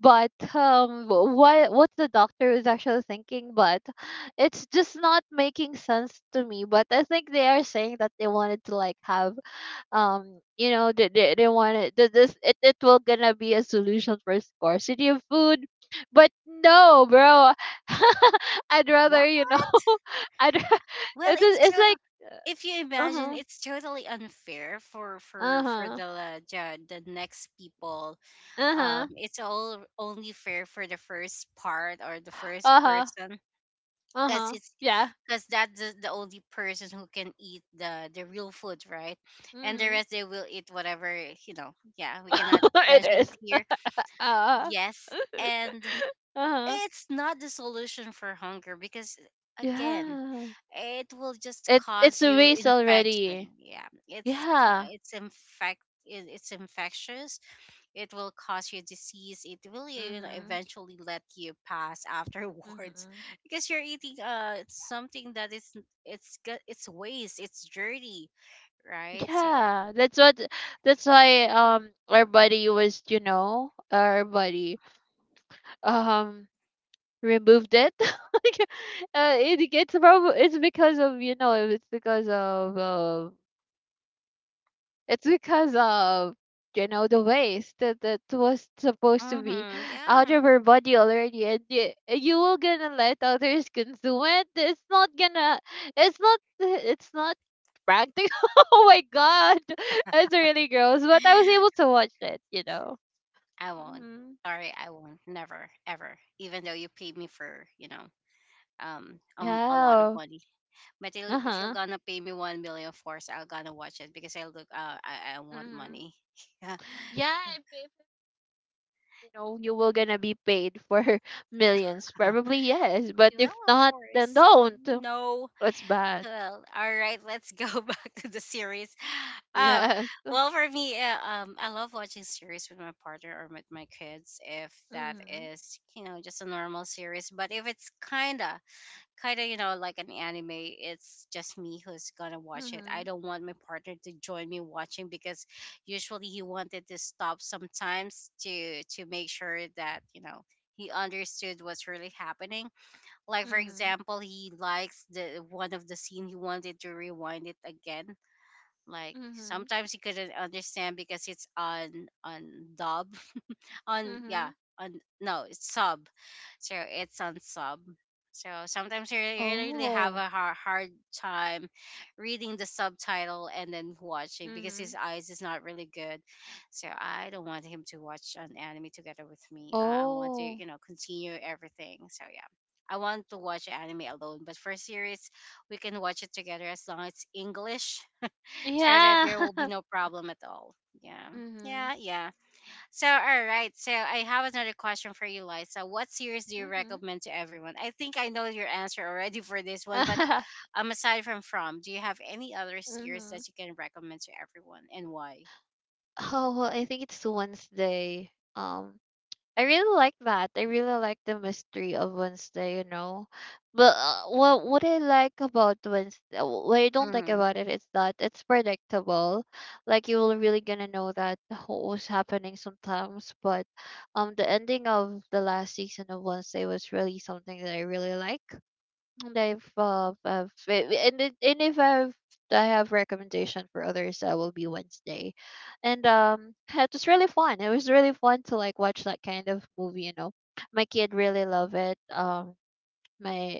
Speaker 2: but um, wh- what what the doctor is actually thinking, but it's just not making sense to me. But I think they are saying that they wanted to, like, have um you know they they, they want it th- this it, it will gonna be a solution for scarcity of food, but no, bro, *laughs* I'd rather,
Speaker 1: What?
Speaker 2: you know, *laughs* i'd ra-
Speaker 1: Well,
Speaker 2: it's,
Speaker 1: it's
Speaker 2: just- it's
Speaker 1: total.
Speaker 2: like.
Speaker 1: If you imagine,
Speaker 2: Uh-huh.
Speaker 1: it's totally unfair for for for
Speaker 2: Uh-huh.
Speaker 1: the uh, the, the next people. Um,
Speaker 2: Uh-huh.
Speaker 1: it's all only fair for the first part or the first
Speaker 2: Uh-huh.
Speaker 1: person because
Speaker 2: Uh-huh.
Speaker 1: it's
Speaker 2: Yeah.
Speaker 1: because that's the, the only person who can eat the the real food, right? And the
Speaker 2: Mm-hmm.
Speaker 1: rest, they will eat whatever, you know. Yeah, we cannot
Speaker 2: *laughs* It
Speaker 1: mention it
Speaker 2: is.
Speaker 1: here.
Speaker 2: uh
Speaker 1: Yes,
Speaker 2: *laughs*
Speaker 1: and
Speaker 2: uh-huh.
Speaker 1: it's not the solution for hunger because, again,
Speaker 2: Yeah,
Speaker 1: it will just
Speaker 2: it's
Speaker 1: cause
Speaker 2: it's a
Speaker 1: you
Speaker 2: waste
Speaker 1: infection.
Speaker 2: already.
Speaker 1: Yeah, it's
Speaker 2: Yeah.
Speaker 1: c- it's infect it- it's infectious. It will cause you disease. It will, you know,
Speaker 2: Mm-hmm.
Speaker 1: eventually let you pass afterwards
Speaker 2: Mm-hmm.
Speaker 1: *laughs* because you're eating uh something that is it's g- it's waste, it's dirty, right? So
Speaker 2: Yeah, that's what that's why um our buddy was, you know, our buddy um removed it. *laughs* Like, uh, it gets probably it's because of, you know, it's because of uh, it's because of, you know the waste that that was supposed to be
Speaker 1: mm-hmm,
Speaker 2: out
Speaker 1: yeah.
Speaker 2: of our body already, and you, you will gonna let others consume it. It's not gonna. It's not. It's not practical. *laughs* Oh my god, *laughs* it's really gross. But I was able
Speaker 1: *sighs*
Speaker 2: to watch it. You know.
Speaker 1: i won't
Speaker 2: Hmm.
Speaker 1: sorry I won't, never ever, even though you paid me for, you know, um, um a lot of
Speaker 2: Yeah.
Speaker 1: money. But il-
Speaker 2: Uh
Speaker 1: if you're
Speaker 2: huh.
Speaker 1: gonna pay me one million for it, I'm gonna watch it because I look. Uh, I I want
Speaker 2: Hmm.
Speaker 1: money. *laughs*
Speaker 2: Yeah. If, if, you know, you will gonna be paid for *laughs* millions, probably yes. But
Speaker 1: Yeah, well,
Speaker 2: if
Speaker 1: of
Speaker 2: not, then
Speaker 1: course.
Speaker 2: don't.
Speaker 1: No.
Speaker 2: That's bad.
Speaker 1: Well, all right, let's go *laughs* back to the series. Oh,
Speaker 2: Yes.
Speaker 1: well, for me, uh, um, I love watching series with my partner or with my kids if that
Speaker 2: Mhm.
Speaker 1: is, you know, just a normal series. But if it's kinda, kinda, you know, like an anime, it's just me who's gonna watch it. I
Speaker 2: Mhm.
Speaker 1: don't want my partner to join me watching because usually he wanted to stop sometimes to to make sure that you know he understood what's really happening, like for
Speaker 2: Mhm.
Speaker 1: example, he likes the one of the scene, he wanted to rewind it again. Like
Speaker 2: Mhm.
Speaker 1: sometimes he couldn't understand because it's on on dub, on yeah
Speaker 2: Mhm.
Speaker 1: on no, it's sub. So it's on sub, so sometimes you re- you really have
Speaker 2: Oh.
Speaker 1: a hard, hard time reading the subtitle and then watching because his
Speaker 2: Mhm.
Speaker 1: eyes is not really good. So I don't want him to watch an anime together with me. I I want to,
Speaker 2: Oh.
Speaker 1: you know, continue everything, so yeah, I want to watch anime alone. But for series, we can watch it together as long as it's english, so that
Speaker 2: Yeah.
Speaker 1: there will be
Speaker 2: *laughs*
Speaker 1: no problem at all. yeah
Speaker 2: Mhm.
Speaker 1: yeah yeah so, all right. So, I have another question for you, Liza. What series do you
Speaker 2: Mhm.
Speaker 1: recommend to everyone? I think I know your answer already for this one, but
Speaker 2: *laughs*
Speaker 1: um, aside from From, do you have any other series that
Speaker 2: Mhm.
Speaker 1: you can recommend to everyone, and why?
Speaker 2: Oh, well, I think it's Wednesday. Um I really like that. I really like the mystery of Wednesday, you know. But uh, what what I like about Wednesday, what I don't like
Speaker 1: Hmm.
Speaker 2: about it is that it's predictable. Like, you will really gonna know that what was happening sometimes. But um, the ending of the last season of Wednesday was really something that I really like. And I've uh, I've eh, eh, and it- and if I've I have recommendation for others, that will be Wednesday, and um, it was really fun. It was really fun to, like, watch that kind of movie. You know, my kid really loved it. Um, my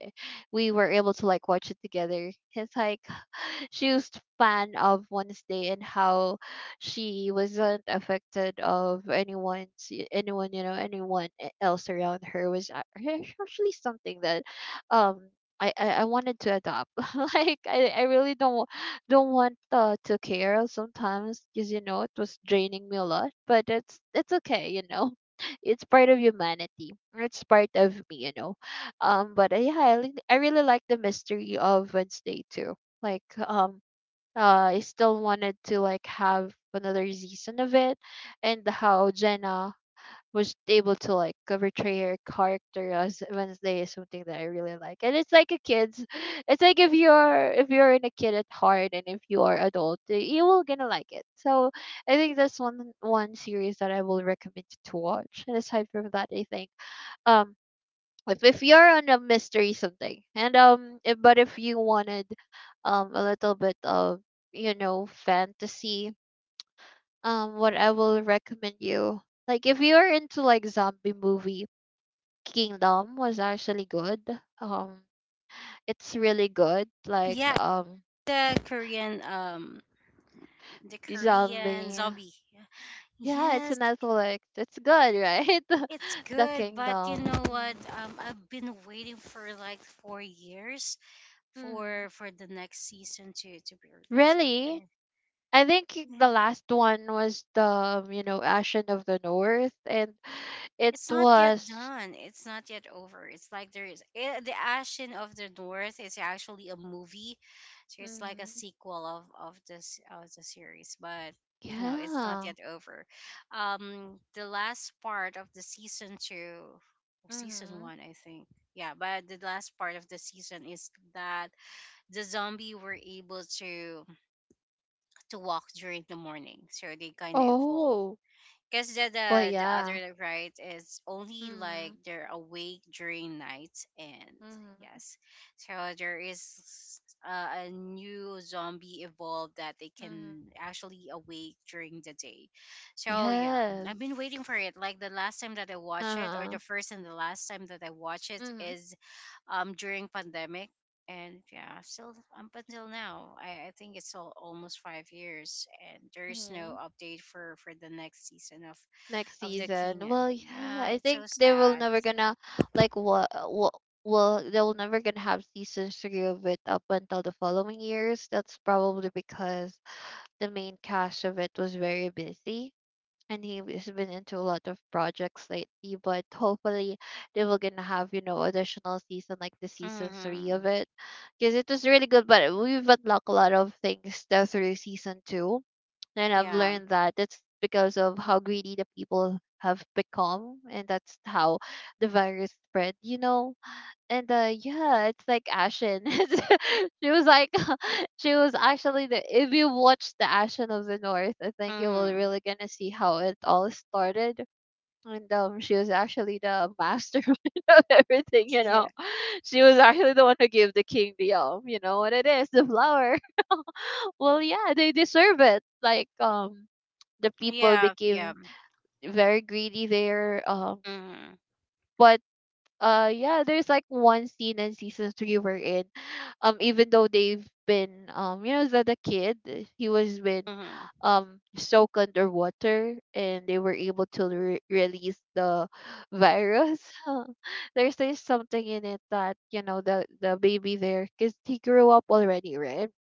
Speaker 2: we were able to like watch it together. It's like *laughs* she was fan of Wednesday, and how she wasn't affected of anyone's anyone you know anyone e- else around her was a- actually something that um I, I, I wanted to adopt. *laughs* Like I, I really don't wa- don't want uh, to care sometimes, because you know it was draining me a lot, but it's it's okay, you know. *laughs* It's part of humanity, it's part of me, you know. Um but uh, yeah, I, li- I really like the mystery of Wednesday too. like um uh I still wanted to like have another season of it, and how Jenna was able to like uh, portray her character as Wednesday is something that I really like. And it's like a kid's. *laughs* It's like if you're if you're in a kid at heart, and if you are adult, uh, you will gonna like it. So I think that's one one series that I will recommend to watch. And aside from that, I think um if if you're on a mystery something, and um if, but if you wanted um a little bit of, you know, fantasy, um what I will recommend you, like if you're into like zombie movie, Kingdom was actually good. um it's really good, like.
Speaker 1: Yeah,
Speaker 2: Um
Speaker 1: the Korean um the Korean
Speaker 2: zombie.
Speaker 1: zombie.
Speaker 2: Yeah, it's a
Speaker 1: Yes,
Speaker 2: Netflix, it's good, right?
Speaker 1: it's
Speaker 2: *laughs* The
Speaker 1: good, but you
Speaker 2: Kingdom.
Speaker 1: know what? Um, I've been waiting for like four years
Speaker 2: Mm-hmm.
Speaker 1: for for the next season to to be released. But
Speaker 2: Really?
Speaker 1: I,
Speaker 2: I think the
Speaker 1: yeah.
Speaker 2: last one was the um, you know, Ashen of the North, and it
Speaker 1: It's not yet
Speaker 2: was.
Speaker 1: done. It's not yet over. It's like there is eh, the Ashen of the North is actually a movie, so it's like a
Speaker 2: Hmm.
Speaker 1: sequel of of this of the series, but you know it's not
Speaker 2: Yeah.
Speaker 1: yet over. Um, the last part of the season two or season
Speaker 2: Mm-hmm.
Speaker 1: one, I think. Yeah, but the last part of the season is that the zombie were able to to walk during the morning, so they kind of evolve.
Speaker 2: Oh.
Speaker 1: Because the,
Speaker 2: Well,
Speaker 1: the the
Speaker 2: yeah.
Speaker 1: other right is only like
Speaker 2: Mm-hmm.
Speaker 1: they're awake during night, and
Speaker 2: Mm-hmm.
Speaker 1: yes, so there is uh, a new zombie evolved that they
Speaker 2: Mm-hmm.
Speaker 1: can actually awake during the day. So yeah,
Speaker 2: Yes.
Speaker 1: I've been waiting for it. Like the last time that I watched it, or
Speaker 2: Uh-huh.
Speaker 1: the first and the last time that I watched it
Speaker 2: Mm-hmm.
Speaker 1: is um during pandemic. And yeah, still up until now, I, I think it's all, almost five years, and there is no
Speaker 2: Mm-hmm.
Speaker 1: update for for the next season of
Speaker 2: Next
Speaker 1: of the
Speaker 2: season.
Speaker 1: kingdom.
Speaker 2: Well, yeah.
Speaker 1: Yeah,
Speaker 2: I
Speaker 1: it's so
Speaker 2: think they will
Speaker 1: sad.
Speaker 2: never gonna like what what. Well, they'll never gonna have season three of it up until the following years. That's probably because the main cast of it was very busy, and he's been into a lot of projects lately, but *laughs* hopefully they will gonna have, you know, additional season like the season three
Speaker 1: Mm-hmm.
Speaker 2: of it, because it was really good, but we've unlocked a lot of things tho- through season two. And I've
Speaker 1: Yeah.
Speaker 2: learned that it's because of how greedy the people have become, and that's how the virus spread, you know. And uh yeah, it's like Ashen. *laughs* She was like *laughs* she was actually the, if you watch the Ashen of the North, I think you will
Speaker 1: Mm-hmm. *laughs*
Speaker 2: really gonna see how it all started. And um she was actually the mastermind *laughs* of everything, you know.
Speaker 1: Yeah.
Speaker 2: *laughs* She was actually the one who gave the king the um you know what it is, the flower. *laughs* Well, yeah, they deserve it. Like um the people
Speaker 1: Yeah. Yeah.
Speaker 2: became very greedy there. Um
Speaker 1: Mm-hmm.
Speaker 2: but uh yeah, there's like one scene in season three, we're in, um even though they've been, um you know, the, the kid, uh, he was been
Speaker 1: Mm-hmm.
Speaker 2: um soaked underwater, and they were able to re- release the virus. *laughs* there's there's something in it that, you know, the the baby there, because he grew up already, right?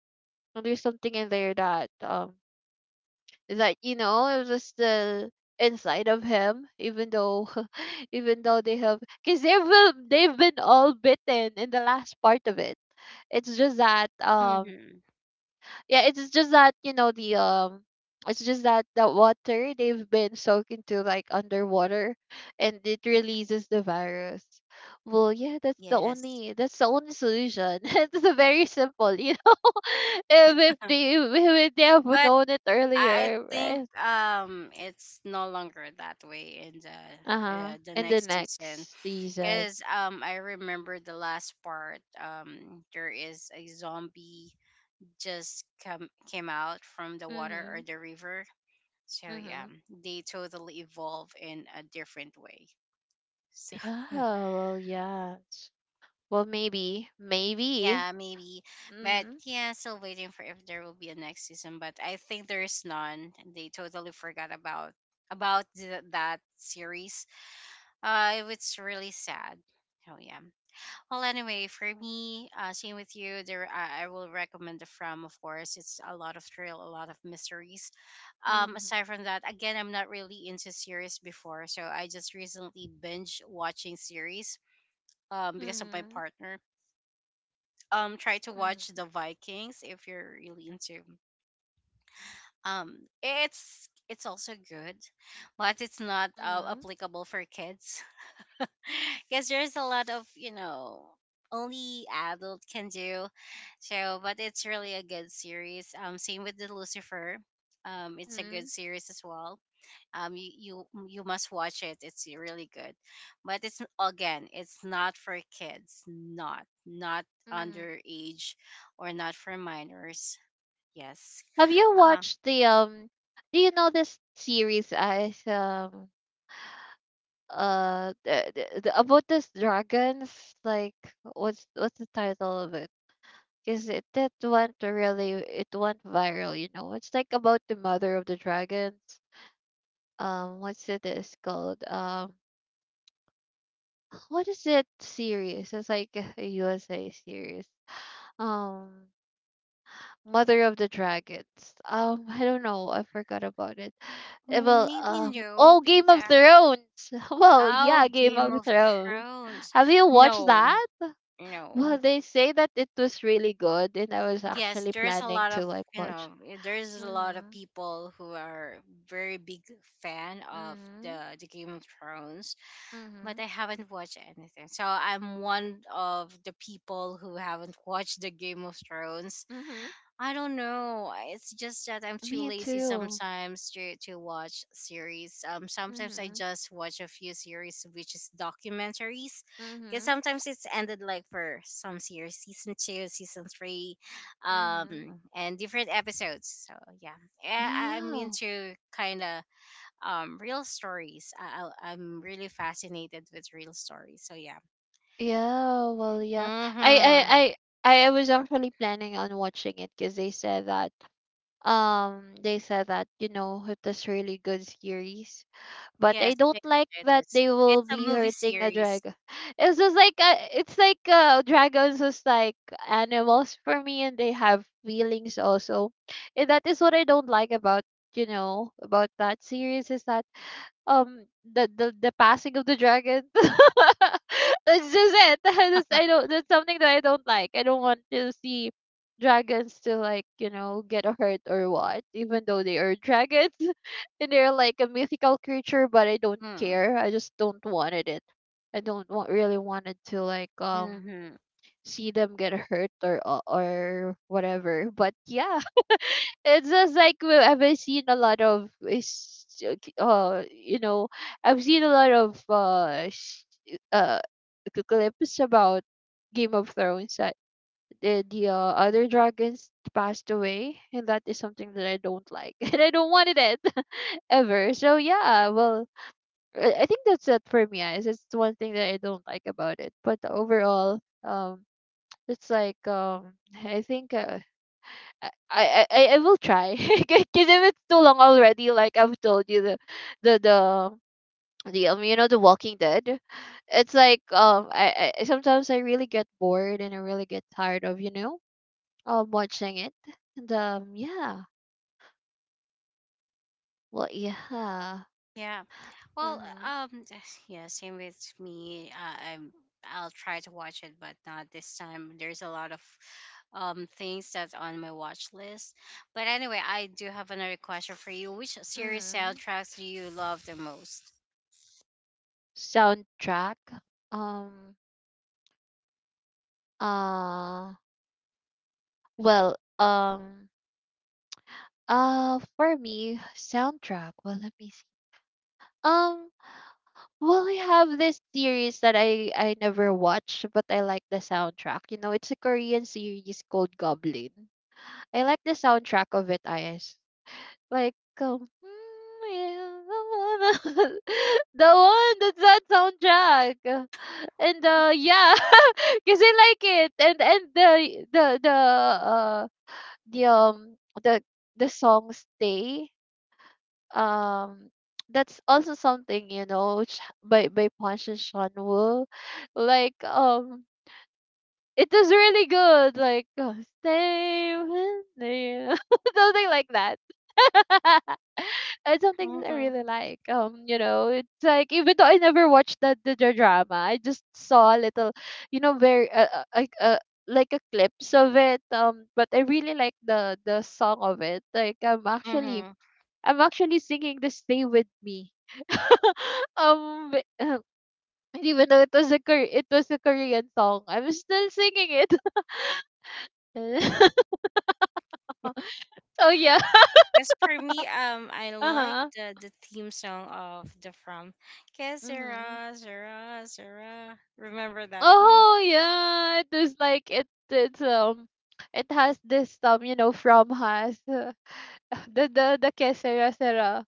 Speaker 2: And there's something in there that, um that, you know, it was still inside of him, even though, *laughs* even though they have, because they will they've been all bitten in the last part of it. It's just that, um
Speaker 1: Mm-hmm.
Speaker 2: yeah, it's just that, you know, the um it's just that the water they've been soaked into, like underwater, and it releases the virus. Well, yeah, that's the
Speaker 1: Yes.
Speaker 2: only, that's the only solution. *laughs* It's a very simple, you know. *laughs* if, if they, if they have
Speaker 1: But
Speaker 2: known it
Speaker 1: I
Speaker 2: earlier,
Speaker 1: think
Speaker 2: right?
Speaker 1: um it's no longer that way in the
Speaker 2: Uh-huh.
Speaker 1: uh, the
Speaker 2: In the
Speaker 1: next season
Speaker 2: next season.
Speaker 1: because um I remember the last part, um there is a zombie just come came out from the water or
Speaker 2: Mhm.
Speaker 1: the river, so yeah
Speaker 2: Mhm.
Speaker 1: they totally evolve in a different way. So
Speaker 2: Yeah,
Speaker 1: *laughs*
Speaker 2: well, yes. Well, maybe, maybe.
Speaker 1: yeah, maybe. But
Speaker 2: Mhm.
Speaker 1: yeah, still waiting for if there will be a next season. But I think there is none. They totally forgot about about th- that series. Uh, it's really sad. Oh yeah. Well, anyway, for me, uh, same with you. There, I, I will recommend the From. Of course, it's a lot of thrill, a lot of mysteries. Um,
Speaker 2: Mhm.
Speaker 1: aside from that, again, I'm not really into series before, so I just recently binge watching series. Um, because of my
Speaker 2: Mhm.
Speaker 1: partner, um try to watch
Speaker 2: Mhm.
Speaker 1: the Vikings if you're really into um it's it's also good, but it's not uh,
Speaker 2: Mhm.
Speaker 1: applicable for kids *laughs* because there's a lot of you know only adult can do. So but it's really a good series. Um same with the Lucifer, um it's a good
Speaker 2: Mhm.
Speaker 1: series as well. um you you, you must watch it, it's really good. But it's again, it's not for kids, not not
Speaker 2: Mhm.
Speaker 1: underage or not for minors. Yes.
Speaker 2: Have you
Speaker 1: uh,
Speaker 2: watched the um? Do you know this series as um uh the, the, the- about this dragons? Like, what's what's the title of it? Because it that went really, it went viral. You know, it's like about the mother of the dragons. Um what's it is called? Um *sighs* What is it series? It's like *laughs* a USA series. um Mother of the dragons. um I don't know, I forgot about it. Eh, well
Speaker 1: Maybe
Speaker 2: um
Speaker 1: no,
Speaker 2: oh,
Speaker 1: because
Speaker 2: Game of
Speaker 1: uh,
Speaker 2: Thrones. *laughs* Well,
Speaker 1: oh,
Speaker 2: yeah, Game
Speaker 1: Game
Speaker 2: of
Speaker 1: of
Speaker 2: Thrones.
Speaker 1: Thrones.
Speaker 2: Have you watched
Speaker 1: No,
Speaker 2: that?
Speaker 1: no.
Speaker 2: Well, they say that it was really good, and I was
Speaker 1: Yes,
Speaker 2: actually
Speaker 1: there's a
Speaker 2: planning
Speaker 1: lot of,
Speaker 2: to like
Speaker 1: you know
Speaker 2: watch.
Speaker 1: eh, there's a lot of
Speaker 2: Mhm.
Speaker 1: people who are very big fan of
Speaker 2: Mhm.
Speaker 1: the the Game of Thrones. But
Speaker 2: Mhm.
Speaker 1: I haven't watched anything. So I'm one of the people who haven't *laughs* watched the Game of Thrones.
Speaker 2: Mhm.
Speaker 1: I don't know. I- It's just that I'm too
Speaker 2: Me
Speaker 1: lazy
Speaker 2: too.
Speaker 1: sometimes to, to watch series. Um, sometimes I
Speaker 2: Mhm.
Speaker 1: just watch a few series, which is documentaries, because
Speaker 2: Mhm.
Speaker 1: sometimes it's ended like for some series, season two, season three,
Speaker 2: Mhm.
Speaker 1: um, and different episodes. So yeah. Eh, I, I'm
Speaker 2: Yeah.
Speaker 1: into kind of um, real stories. I, I, I'm really fascinated with real stories. So yeah.
Speaker 2: Yeah, well, yeah. I I
Speaker 1: Mm-hmm.
Speaker 2: I I I was actually planning on watching it, because they said that, um they said that, you know, it is really good series. But I
Speaker 1: Yes,
Speaker 2: don't
Speaker 1: it,
Speaker 2: like
Speaker 1: it
Speaker 2: that
Speaker 1: is.
Speaker 2: they will
Speaker 1: It's a
Speaker 2: be
Speaker 1: movie
Speaker 2: hurting a
Speaker 1: series.
Speaker 2: dragon. *laughs* It's just like, uh, it's like uh dragons is like animals for me, and they have feelings also. And that is what I don't like about, you know, about that series, is that um the the, the passing of the dragon. *laughs* That's just it. *laughs* That's, I
Speaker 1: *laughs*
Speaker 2: don't. That's something that I don't like. I don't want to see dragons to like, you know, get hurt or what. Even though they are dragons *laughs* and they're like a mythical creature, but I don't
Speaker 1: Mm.
Speaker 2: care. I just don't wanted it. I don't want, really wanted to like um
Speaker 1: Mm-hmm.
Speaker 2: see them get hurt, or or or whatever. But yeah, it's just like, we- I've uh, seen a lot of is- uh you know, I've seen a lot of uh sh- uh clips about Game of Thrones that the, the uh, other dragons passed away, and that is something that I don't like, *laughs* and I don't wanted it. *laughs* Ever. So yeah, well, I I think that's it for me guys. It's one thing that I don't like about it, but overall, um it's like, um I think, uh, I I I I will try, *laughs* because if it's too long already, like I've told you, the the the the um you know, the Walking Dead, it's like, um I, I sometimes I really get bored and I really get tired of, you know, um watching it. And um yeah, well, yeah.
Speaker 1: Yeah. Well,
Speaker 2: Mhm.
Speaker 1: um, *sighs* yeah, same with me. Uh, I'm, I'll try to watch it, but not this time. There's a lot of um things that's on my watch list. But anyway, I do have another question for you. Which series
Speaker 2: Mhm.
Speaker 1: soundtracks do you love the most?
Speaker 2: Soundtrack. um uh well um uh for me, soundtrack, well, let me see. um Well, I have this series that I I never watched, but I like the soundtrack. You know, it's a Korean series called Goblin. I like the soundtrack of it, is like, um, *laughs* the one that's that soundtrack. And uh yeah, *laughs* cuz I like it. And and the the the uh the um the the song Stay, um that's also something, you know, which by by Punch and Sean Wu. Like, um it is really good, like, uh, stay with me, *laughs* something like that. *laughs* It's something that I
Speaker 1: Mm-hmm.
Speaker 2: really like. Um you know, it's like, even though I never watched the the, the drama, I just saw a little, you know, very uh, uh, like uh, like a clips of it. Um but I really like the the song of it. Like I'm actually,
Speaker 1: Mm-hmm.
Speaker 2: I'm actually singing the "Stay with Me." *laughs* Um, *clears throat* but, uh, even though it was a Kor- it was a Korean song, I'm still singing it. *laughs* So yeah.
Speaker 1: Cause for me, um, I
Speaker 2: *laughs* Uh
Speaker 1: like
Speaker 2: huh.
Speaker 1: the, the theme song of the From. Que
Speaker 2: Hmm.
Speaker 1: zera zera sera. Remember that one?
Speaker 2: Oh yeah, it is like it. It's, um, it has this, um, you know, from has, uh, *laughs* the the the que sera sera.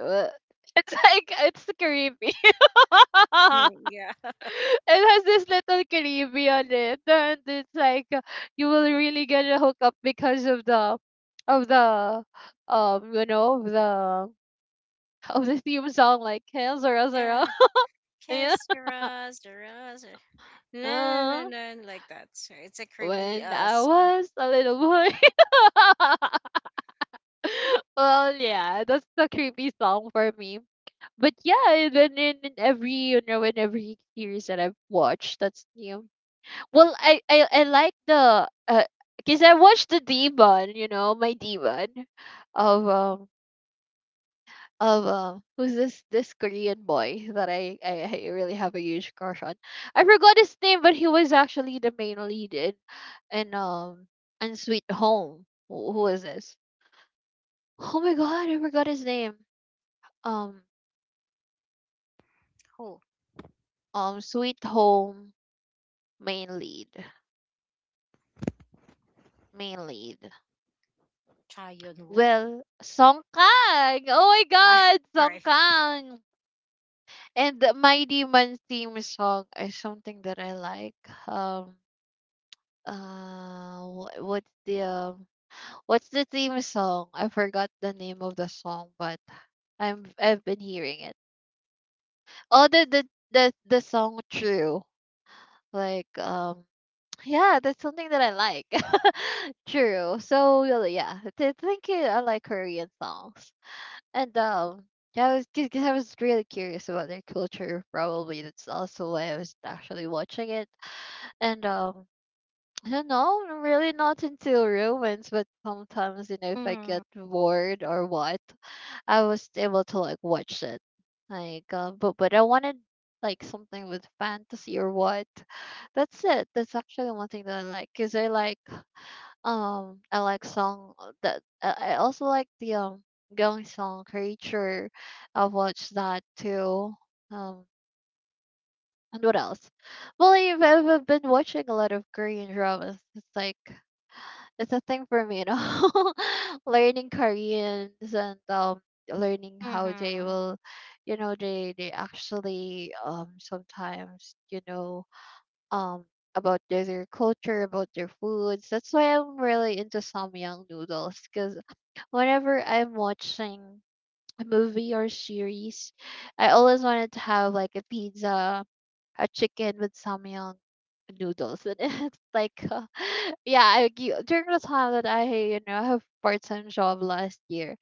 Speaker 2: Uh, *laughs* it's like it's creepy.
Speaker 1: Mm,
Speaker 2: *laughs*
Speaker 1: yeah. *laughs*
Speaker 2: It has this little creepy on it, and it's like, uh, you will really get a hookup because of the of the um you know, of the *laughs* of the theme song, like "Hail Zara Zara."
Speaker 1: Yeah.
Speaker 2: *laughs*
Speaker 1: Que
Speaker 2: Yeah.
Speaker 1: zera zera sera. No, no,
Speaker 2: Uh,
Speaker 1: no, no, like that. So it's a curvy
Speaker 2: when
Speaker 1: uh
Speaker 2: I
Speaker 1: song.
Speaker 2: was a little boy. *laughs* Well, yeah, that's the creepy song for me. But yeah, and then in, in every, you know, in every series that I've watched, that's new. Well, I I, I like the uh because I watched the demon, you know, my demon, of um of um who's this, this Korean boy that I, I I really have a huge crush on. I forgot his name, but he was actually the main lead in, in um and Sweet Home. Who, who is this? Oh my god, I forgot his name. Um
Speaker 1: Who?
Speaker 2: um Sweet Home main lead. Main lead.
Speaker 1: Cha Yun Woo.
Speaker 2: Well, Song Kang. Oh my
Speaker 1: Ah, *laughs*
Speaker 2: god, Song
Speaker 1: sorry.
Speaker 2: Kang. And the My Demon theme song is something that I like. Um, uh, wh- what's the, um, what's the theme song? I forgot the name of the song, but I'm I've been hearing it. Oh, the the the, the song True. Like, um, *tsk* yeah, that's something that I like. *laughs* True. So really, yeah, th- thank you. I like Korean songs. And um, Yeah, I was, because I was really curious about their culture. Probably that's also why I was actually watching it. And um, I don't know, I'm really not into romance, but sometimes, you know, if I get
Speaker 1: Mhm.
Speaker 2: bored or what, I was able to like watch it. Like, uh, but but I wanted like something with fantasy or what. That's it. That's actually one thing that I like. Cause I like um, I like song uh, that I I also like the um Gong Song Creature. I've watched that too. Um, and what else? Well, I've, I've been watching a lot of Korean dramas. It's like it's a thing for me, you know, *laughs* learning Koreans and um learning how they
Speaker 1: Mhm.
Speaker 2: will, you know, they they actually um sometimes you know um about their, their culture, about their foods. That's why I'm really into Samyang noodles because whenever I'm watching a movie or series, I always wanted to have like a pizza a chicken with samyang noodles in it. *laughs* Like, uh, *laughs* yeah, I, g- during the time that I, you know, have part-time job last year,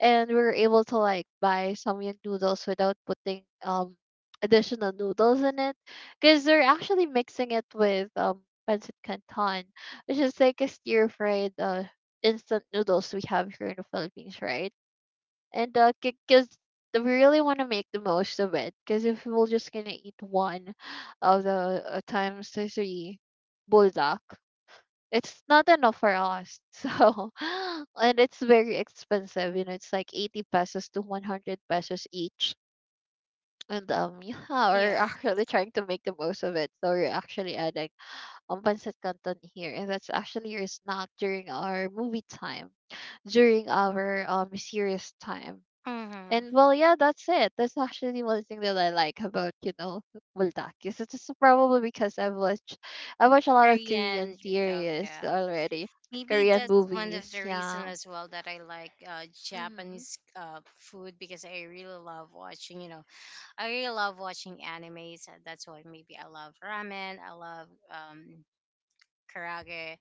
Speaker 2: and we were able to like buy samyang noodles without putting um additional noodles in it, because they're actually mixing it with um pancit canton, which is like a stir-fried uh instant noodles we have here in the Philippines, right? And uh because we really want to make the most of it, because if we're just gonna eat one of the uh, times the three buldak, it's not enough for us. *laughs* So *laughs* and it's very expensive, you know it's like eighty pesos to one hundred pesos each. And um *laughs* yeah, we're
Speaker 1: Yeah.
Speaker 2: actually trying to make the most of it, so we're actually adding um pancit canton here, and that's actually your snack during our movie time, during our um serious time.
Speaker 1: Mhm.
Speaker 2: And well, yeah, that's it. That's actually one thing that I like about you know Buldakis. It's just probably because I've watched I watch a lot of Korean
Speaker 1: Korean. Oh
Speaker 2: series
Speaker 1: yeah.
Speaker 2: already,
Speaker 1: Maybe
Speaker 2: Korean
Speaker 1: that's one of the
Speaker 2: movies.
Speaker 1: reasons
Speaker 2: Yeah.
Speaker 1: as well that I like uh,
Speaker 2: Mm-hmm.
Speaker 1: Japanese uh, food because I really love watching, you know, I really love watching animes. And that's why maybe I love ramen, I love um, karage,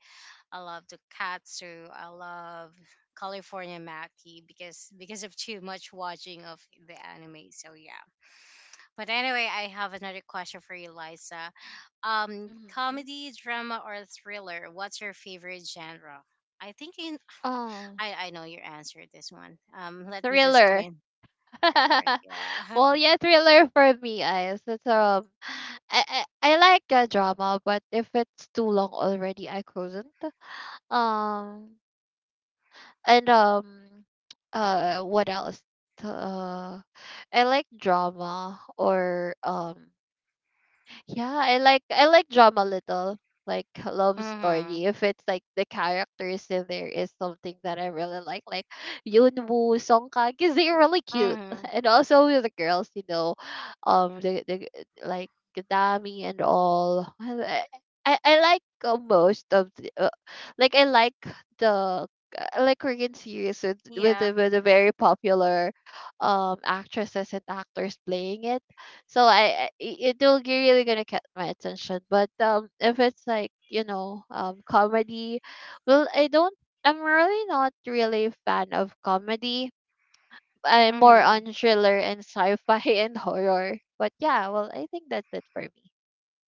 Speaker 1: I love tonkatsu, I love California Maki because because of too much watching of the anime. So yeah. But anyway, I have another question for you, Liza. Um,
Speaker 2: Mm-hmm.
Speaker 1: comedy, drama, or thriller? What's your favorite genre? I think in
Speaker 2: Oh,
Speaker 1: I I know your answer this one. Um, let me just
Speaker 2: thriller.
Speaker 1: change thriller.
Speaker 2: *laughs*
Speaker 1: Yeah. *laughs*
Speaker 2: Well, yeah, thriller for me, I it's um, I I, I like uh, drama, but if it's too long already, I couldn't. Um, And um uh what else? Uh I like drama or um yeah, I like I like drama a little. Like a love
Speaker 1: Mhm.
Speaker 2: story. If it's like the characters in there is something that I really like. Like Yoonwoo, Song Kang, because they're really cute.
Speaker 1: Mhm.
Speaker 2: *laughs* And also with the girls, you know, um the the like Dami and all. *laughs* I I I like uh, most of the, like I like the I like Korean series with with
Speaker 1: Yeah.
Speaker 2: the, with the very popular um actresses and actors playing it. So I, I it will g- really gonna catch my attention. But um if it's like you know um comedy, well I don't I'm really not really a fan of comedy. I'm more
Speaker 1: Mhm.
Speaker 2: on thriller and sci-fi *laughs* and horror. But yeah, well I think that's it for me.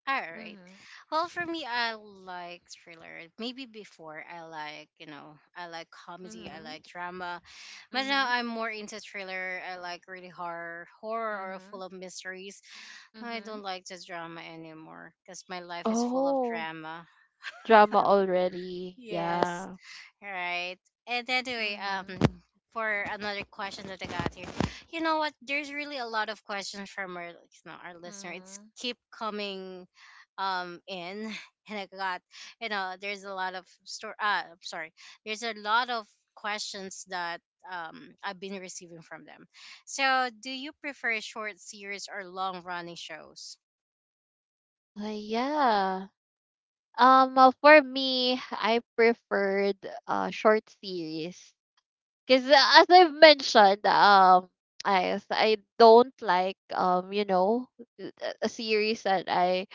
Speaker 1: All right.
Speaker 2: Mm-hmm.
Speaker 1: Well, for me, I like thriller. Maybe before I like, you know, I like comedy, I
Speaker 2: Mm-hmm.
Speaker 1: like drama, but now
Speaker 2: Mm-hmm.
Speaker 1: I'm more into thriller. I like really horror, horror or
Speaker 2: Mm-hmm.
Speaker 1: full of mysteries. I
Speaker 2: Hmm.
Speaker 1: don't like the drama anymore because my life is full of
Speaker 2: Oh.
Speaker 1: drama.
Speaker 2: Drama already.
Speaker 1: Yes.
Speaker 2: Yeah.
Speaker 1: Right. And anyway, um,
Speaker 2: Mhm.
Speaker 1: for another question that I got here, you know what? There's really a lot of questions from our, you know, our listener. It's
Speaker 2: Mhm.
Speaker 1: keep coming, um, in, *laughs* and I got, you know, there's a lot of store. Uh, I'm sorry. There's a lot of questions that um I've been receiving from them. So, do you prefer short series or long running shows?
Speaker 2: Uh, yeah. Um, uh, for me, I preferred uh short series, because as I've mentioned, um, I I don't like um you know a a series that I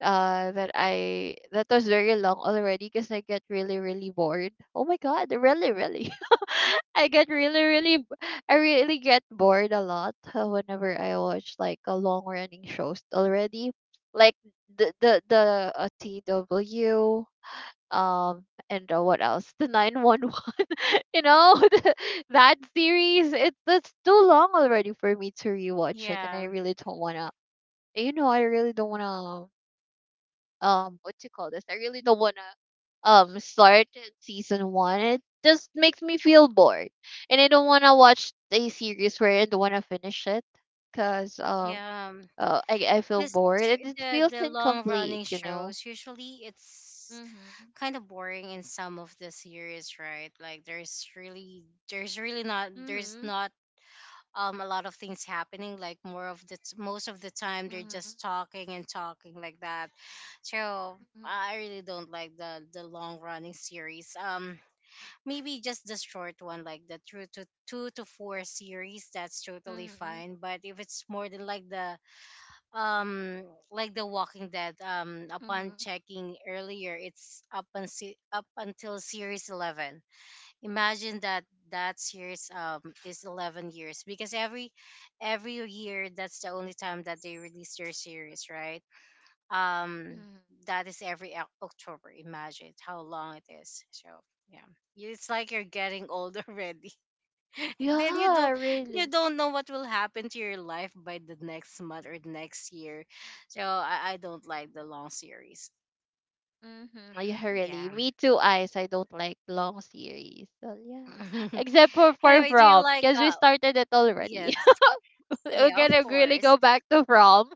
Speaker 2: uh that I that was very long already, because I get really really bored. Oh my god, really really. *laughs* I get really really b- I really get bored a lot uh, whenever I watch like a long running shows already. Like the the the uh, T W. um and uh, what else? The nine one one. *laughs* you know, *laughs* the, that series it's that's too long already for me to rewatch it, and I
Speaker 1: Yeah,
Speaker 2: really don't want to, you know, I really don't want to, um what you call this, I really don't want to um start season one. It just makes me feel bored, and I don't want to watch a series where I don't want to finish it, because um
Speaker 1: yeah.
Speaker 2: uh, I, I feel
Speaker 1: This
Speaker 2: bored and it
Speaker 1: the
Speaker 2: feels
Speaker 1: the long
Speaker 2: incomplete
Speaker 1: running
Speaker 2: you know
Speaker 1: shows usually it's
Speaker 2: Mm-hmm.
Speaker 1: kind of boring in some of the series, right? Like there's really there's really not there's
Speaker 2: Mm-hmm.
Speaker 1: not um a lot of things happening. Like more of the t- most of the time they're just
Speaker 2: Mm-hmm.
Speaker 1: talking and talking like that. So I really don't like the the long running series. Um, maybe just the short one, like the two to two to four series. That's totally
Speaker 2: Mm-hmm.
Speaker 1: fine. But if it's more than like the um like the Walking Dead, um upon
Speaker 2: Mm-hmm.
Speaker 1: checking earlier it's up and se- up until series eleven. Imagine that. That series um is eleven years because every every year that's the only time that they release their series, right? um
Speaker 2: Hmm.
Speaker 1: that is every Oc- october. Imagine how long it is. So yeah, it's like you're getting old *laughs* already. Then you
Speaker 2: Yeah,
Speaker 1: don't you
Speaker 2: really.
Speaker 1: don't know what will happen to your life by the next month or the next year. So I, I don't like the long series.
Speaker 2: Mm-hmm. Yeah, really.
Speaker 1: Yeah.
Speaker 2: Me too, Ice. I don't like long series. So yeah.
Speaker 1: *laughs*
Speaker 2: Except for Far
Speaker 1: Anyway, do you
Speaker 2: From,
Speaker 1: like
Speaker 2: because we
Speaker 1: uh
Speaker 2: started it
Speaker 1: yes.
Speaker 2: already. We're
Speaker 1: Yeah, of
Speaker 2: gonna really
Speaker 1: course.
Speaker 2: go back to prom.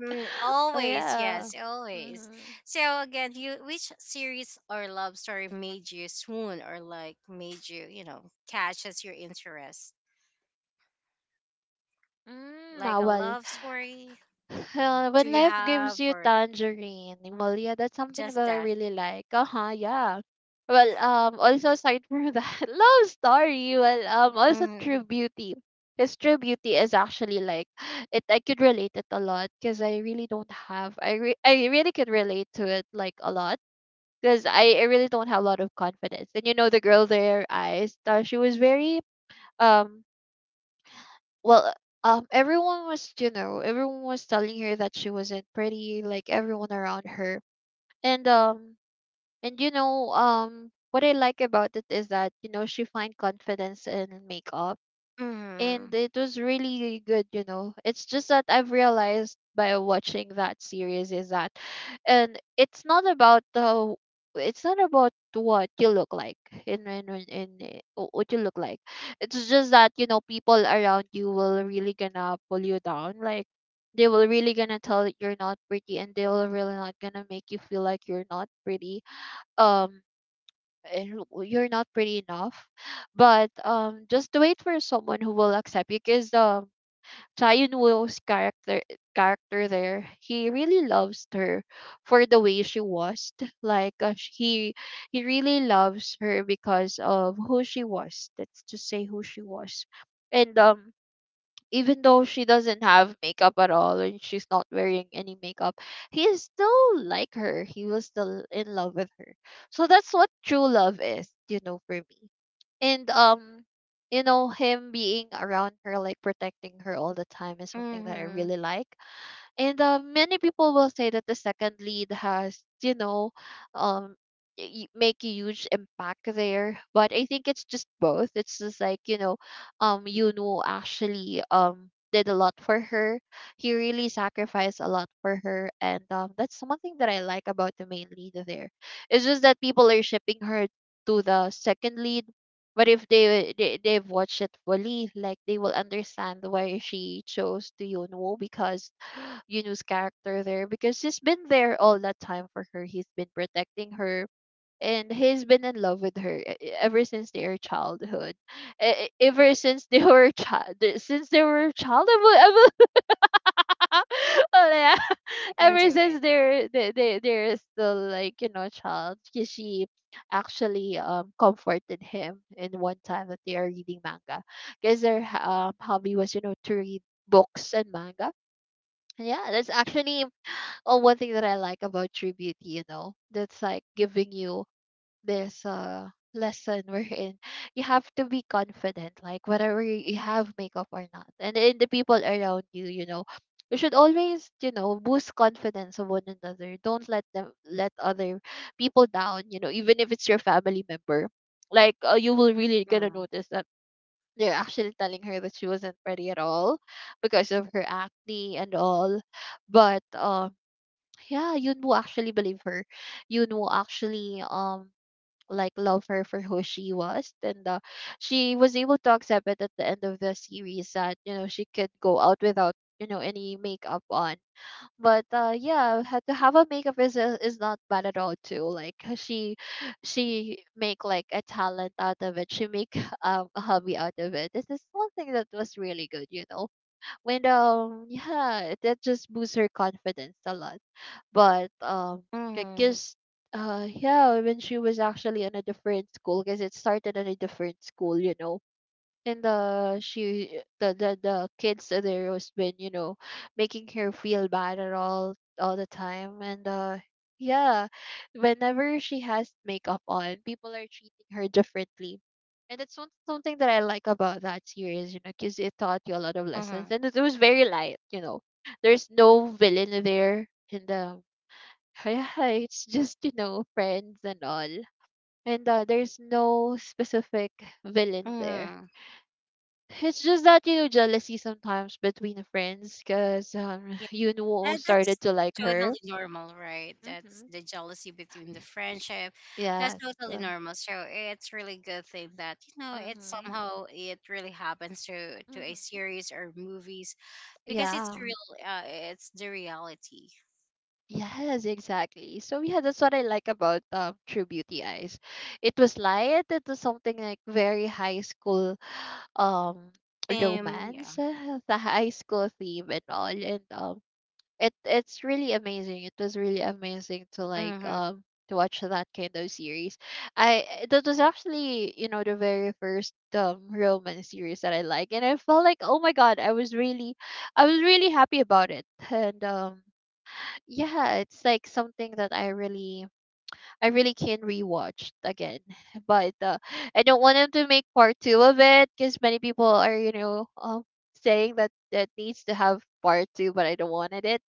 Speaker 1: Mm,
Speaker 2: *laughs* Oh
Speaker 1: always,
Speaker 2: yeah.
Speaker 1: yes, always.
Speaker 2: Mm-hmm.
Speaker 1: So again, you which series or love story made you swoon or like made you, you know, catch as your interest?
Speaker 2: Mm, ah,
Speaker 1: Like a
Speaker 2: well,
Speaker 1: love story?
Speaker 2: uh,
Speaker 1: Do
Speaker 2: when
Speaker 1: you
Speaker 2: life gives
Speaker 1: have
Speaker 2: you
Speaker 1: or
Speaker 2: tangerine, well, yeah, that's something
Speaker 1: just
Speaker 2: that I
Speaker 1: that?
Speaker 2: really like. Uh huh. Yeah. Well, um, also aside from that, *laughs* love story. Well, um, also
Speaker 1: Mm-hmm.
Speaker 2: True Beauty. Because True Beauty is actually like *sighs* it. I could relate it a lot because I really don't have. I re- I really could relate to it like a lot, because I, I really don't have a lot of confidence. And you know, the girl there, I thought she was very um well um everyone was, you know everyone was telling her that she wasn't pretty, like everyone around her, and um and you know um what I like about it is that, you know she find confidence in makeup, and
Speaker 1: Mm-hmm.
Speaker 2: it was really good, you know it's just that I've realized by watching that series is that, and it's not about the it's not about what you look like, in in, in, in eh, wh- what you look like. It's just that, you know people around you will really gonna pull you down, like they will really gonna tell that you're not pretty, and they will really not gonna make you feel like you're not pretty, um and w- you're not pretty enough. But um just wait for someone who will accept you, because um Chaeyoon Woo's character character there, he really loves her for the way she was. like uh, sh- he he really loves her because of who she was, that's to say who she was. And um even though she doesn't have makeup at all and she's not wearing any makeup, he is still like her. He was still in love with her. So that's what true love is, you know, for me. And um, you know, him being around her, like protecting her all the time, is something that I
Speaker 1: Mhm.
Speaker 2: really like. And uh, many people will say that the second lead has, you know, um, y- make a huge impact there. But I think it's just both. It's just like, you know, um, Yunu actually um did a lot for her. He really sacrificed a lot for her, and um, that's one thing that I like about the main lead there. It's just that people are shipping her to the second lead. But if they, they they've watched it fully, like they will understand why she chose to Yunwoo, because Yunu's character there, because he's been there all that time for her. He's been protecting her, and he's been in love with her e- e- ever since their childhood. E- e- Ever since they *laughs* were child since they were childhood, *laughs* oh, yeah,
Speaker 1: You can
Speaker 2: ever
Speaker 1: do
Speaker 2: since
Speaker 1: it.
Speaker 2: they're they, they they're still like, you know, child. 'Cause she actually um comforted him in one time that they are reading manga. Because their um hobby was, you know, to read books and manga. Yeah, that's actually, oh, one thing that I like about True Beauty, you know, that's like giving you this uh lesson *laughs* wherein you have to be confident, like whether you you have makeup or not. And in the people around you, you know, you should always, you know, boost confidence of one another. Don't let them let other people down, you know, even if it's your family member. Like, uh, you will really gonna
Speaker 1: Mm.
Speaker 2: notice that they're actually telling her that she wasn't pretty at all because of her acne and all. But um yeah, Yoon Woo actually believe her. Yoon Woo actually um like love her for *laughs* who she was, and uh, she was able to accept it at the end of the series, that you know she could go out without you know any makeup on. But uh, yeah, ha- to have a makeup is a- is not bad at all too. Like, uh, she she make like a talent out of it. She make *laughs* um a hobby out of it. This is one thing that was really good, you know, when um yeah, that just boosts her confidence a lot. but um
Speaker 1: Mhm.
Speaker 2: because uh yeah, when she was actually in a different school, because it started in a different school, you know, and uh she the the, the kids there was been, you know, making her feel bad at all all the time. And uh yeah, whenever she has makeup on, people are treating her differently, and it's one, something that I like about that series, you know because it taught you a lot of
Speaker 1: Mhm.
Speaker 2: lessons, and it, it was very light you know There's no villain there, and um *laughs* yeah, it's just you know friends and all. And uh, there's no specific villain there.
Speaker 1: Mhm.
Speaker 2: It's just that, you know, jealousy sometimes between the friends, because um,
Speaker 1: Yeah,
Speaker 2: *sighs* *laughs* you know
Speaker 1: that, that's
Speaker 2: started to like
Speaker 1: totally
Speaker 2: her.
Speaker 1: normal, right? That's
Speaker 2: Mm-hmm.
Speaker 1: the jealousy between the friendship. That's
Speaker 2: Yes.
Speaker 1: totally
Speaker 2: Uh,
Speaker 1: normal. So it's really good thing that, you know, it's
Speaker 2: Mm-hmm.
Speaker 1: somehow it really happens to to a
Speaker 2: Mm-hmm.
Speaker 1: series or movies because it's
Speaker 2: Yeah.
Speaker 1: real. Uh, it's the reality.
Speaker 2: Yes, exactly. So yeah, that's what I like about um True Beauty Eyes. It was light, it was something like very high school um
Speaker 1: Um. Yeah.
Speaker 2: romance, uh, the high school theme and all. And um it it's really amazing. It was really amazing to like
Speaker 1: Mhm.
Speaker 2: um to watch that kind of series. I eh, that was actually, you know, the very first um Roman series that I like, and I felt like, oh my god, I was really, I was really happy about it, *laughs* and um yeah, it's like something that I really I really can rewatch again, *laughs* but uh, I don't want them to make part two of it, because many people are, you know um saying that that needs to have part two, but I don't wanted it.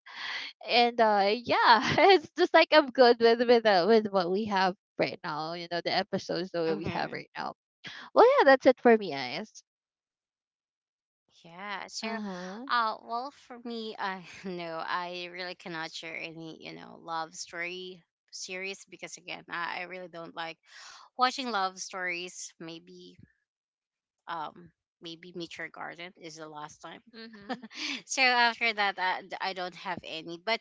Speaker 2: And uh yeah, *laughs* it's just like I'm good with with uh, with what we have right now, you know, the episodes that we have
Speaker 1: Mhm.
Speaker 2: right now. Well yeah, that's it for me, guys.
Speaker 1: Yeah. So,
Speaker 2: Uh-huh.
Speaker 1: uh, well, for me, uh, *laughs* no, I really cannot share any, you know, love story series because again, I, I really don't like watching love stories. Maybe, um, maybe Meet Your Garden is the last time.
Speaker 2: Mm-hmm.
Speaker 1: *laughs* So after that, I, I don't have any. But,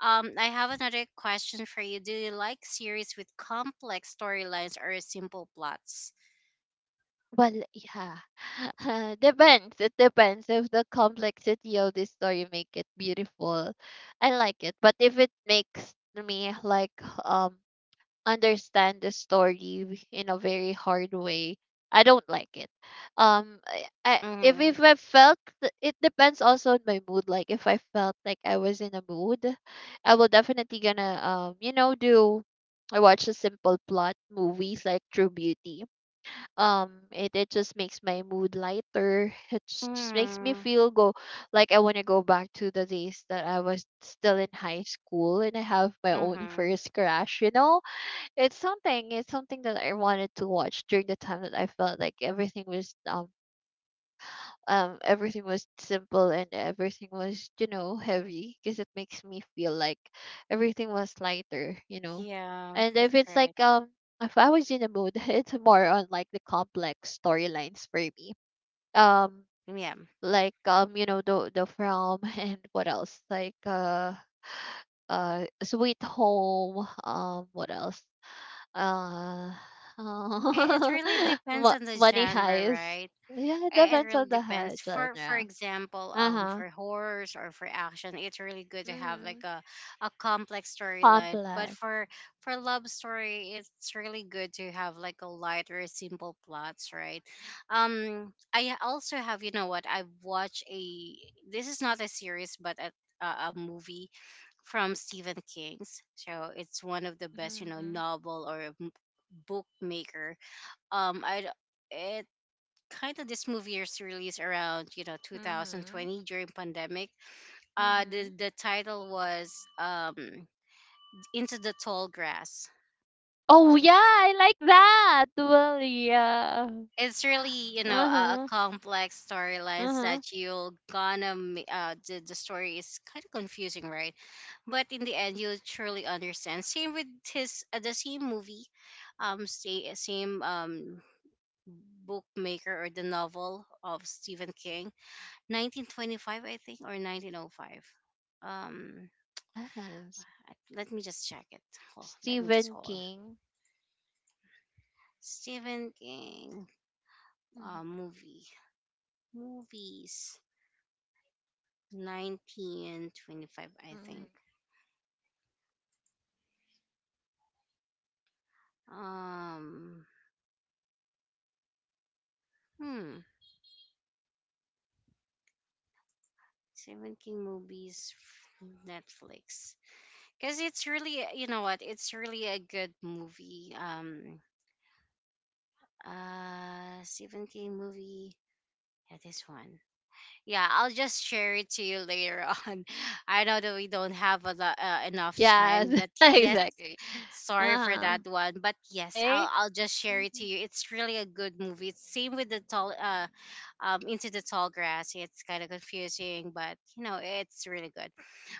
Speaker 1: um, I have another question for you. Do you like series with complex storylines or simple plots?
Speaker 2: Well, yeah. *laughs* Uh, depends It depends. If the complexity of the story make it beautiful, I like it, but if it makes me, like, um understand the story in a very hard way, I don't like it. Um, I, I if
Speaker 1: Mm-hmm.
Speaker 2: if I felt th- It depends also on my mood. Like if I felt like I was in a mood, I will definitely gonna um you know do I watch a simple plot movies like True Beauty. Um, it it just makes my mood lighter. It just, just makes me
Speaker 1: Mm-hmm.
Speaker 2: feel go, like I want to go back to the days that I was still in high school and I have my own
Speaker 1: Mm-hmm.
Speaker 2: first crush. You know, it's something. It's something that I wanted to watch during the time that I felt like everything was um um everything was simple and everything was, you know, heavy, because it makes me feel like everything was lighter, you know.
Speaker 1: Yeah,
Speaker 2: And if
Speaker 1: that's
Speaker 2: it's
Speaker 1: right.
Speaker 2: like, um if I was in a mood, *laughs* it's more on like the complex storylines for me. Um,
Speaker 1: Mm, yeah.
Speaker 2: like, um you know, the the from, *laughs* and what else, like uh uh Sweet Home. Um, what else? Uh,
Speaker 1: It, it
Speaker 2: oh.
Speaker 1: really
Speaker 2: *laughs*
Speaker 1: depends
Speaker 2: Mo-
Speaker 1: on the
Speaker 2: Money
Speaker 1: genre,
Speaker 2: Heist.
Speaker 1: right?
Speaker 2: Yeah, it
Speaker 1: I- It
Speaker 2: depends
Speaker 1: really
Speaker 2: on the hi-
Speaker 1: depends. For for
Speaker 2: genre.
Speaker 1: example, um,
Speaker 2: Uh-huh.
Speaker 1: for horrors or for action, it's really good to have like
Speaker 2: Mhm.
Speaker 1: a, a complex storyline. But
Speaker 2: Complex.
Speaker 1: for for love story, it's really good to have like a lighter, simple plots, right? Um, I also have, you know what? I've watched a. This is not a series, but a a, a movie from Stephen King's. So it's one of the best, you know,
Speaker 2: Mhm.
Speaker 1: novel or bookmaker. Um I d- it Kind of, this movie is released around, you know,
Speaker 2: Mhm.
Speaker 1: two thousand twenty during pandemic. Uh the
Speaker 2: Mhm.
Speaker 1: the title was um into the Tall Grass.
Speaker 2: Oh yeah, I like that. Well, yeah.
Speaker 1: It's really,
Speaker 2: *gasps*
Speaker 1: you know, a, a
Speaker 2: Uh-huh.
Speaker 1: complex storylines
Speaker 2: Uh-huh.
Speaker 1: that you'll gonna ma- uh the, the story is kind of confusing, right? But in the end you truly understand. Same with his uh, the same movie, um sa- same um bookmaker or the novel of Stephen King, nineteen twenty-five, I think, or nineteen oh five. Um,
Speaker 2: Yes.
Speaker 1: let me just check it. Oh, let me just
Speaker 2: Stephen
Speaker 1: hold.
Speaker 2: King.
Speaker 1: Stephen King
Speaker 2: Mhm.
Speaker 1: uh, movie. Movies. nineteen twenty-five, I
Speaker 2: Mhm.
Speaker 1: think. Um, hmm. Stephen King movies, f- Netflix. Because it's really, you know what? It's really a good movie. Um, uh, Stephen King movie. Yeah, this one. Yeah, I'll just share it to you later *laughs* on. I know that we don't have a lot, uh, enough time,
Speaker 2: Yes,
Speaker 1: but
Speaker 2: *laughs*
Speaker 1: yes,
Speaker 2: exactly.
Speaker 1: sorry for
Speaker 2: Uh-huh.
Speaker 1: that one. But yes,
Speaker 2: Okay.
Speaker 1: I'll I'll just share it to
Speaker 2: Mhm.
Speaker 1: you. It's really a good movie. It's same with the tall uh um Into the Tall Grass. It's kind of confusing, but you know, it's really good.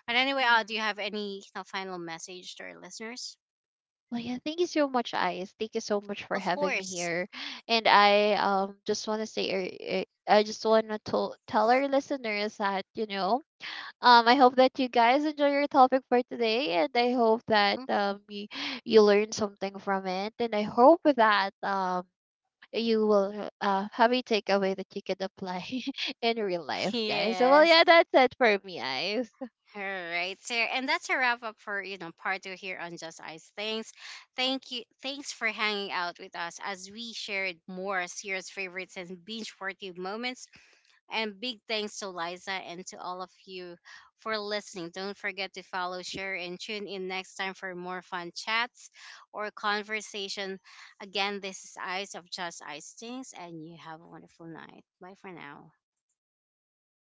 Speaker 1: But anyway, uh, do
Speaker 2: Mhm.
Speaker 1: you have any, you know, final message to our listeners?
Speaker 2: Well, yeah, thank you so much, Ice. Thank you so much for
Speaker 1: Of
Speaker 2: having me
Speaker 1: course.
Speaker 2: here. And I um just want to say, er, er, I just want to tell tell our listeners that you know, um, I hope that you guys enjoy your topic for today, and I hope that um you, you learn something from it, and I hope that um you will uh have a takeaway that you can apply *laughs* in real
Speaker 1: *laughs*
Speaker 2: life, guys. So well,
Speaker 1: Yes.
Speaker 2: yeah, that's it for me, Ice.
Speaker 1: All right, sir. And that's a wrap up for, you know, part two here on Just Ice Things. Thank you. Thanks for hanging out with us as we shared more serious favorites and binge worthy moments. And big thanks to Liza and to all of you for listening. Don't forget to follow, share, and tune in next time for more fun chats or conversation. Again, this is Ice of Just Ice Things, and you have a wonderful night. Bye for now.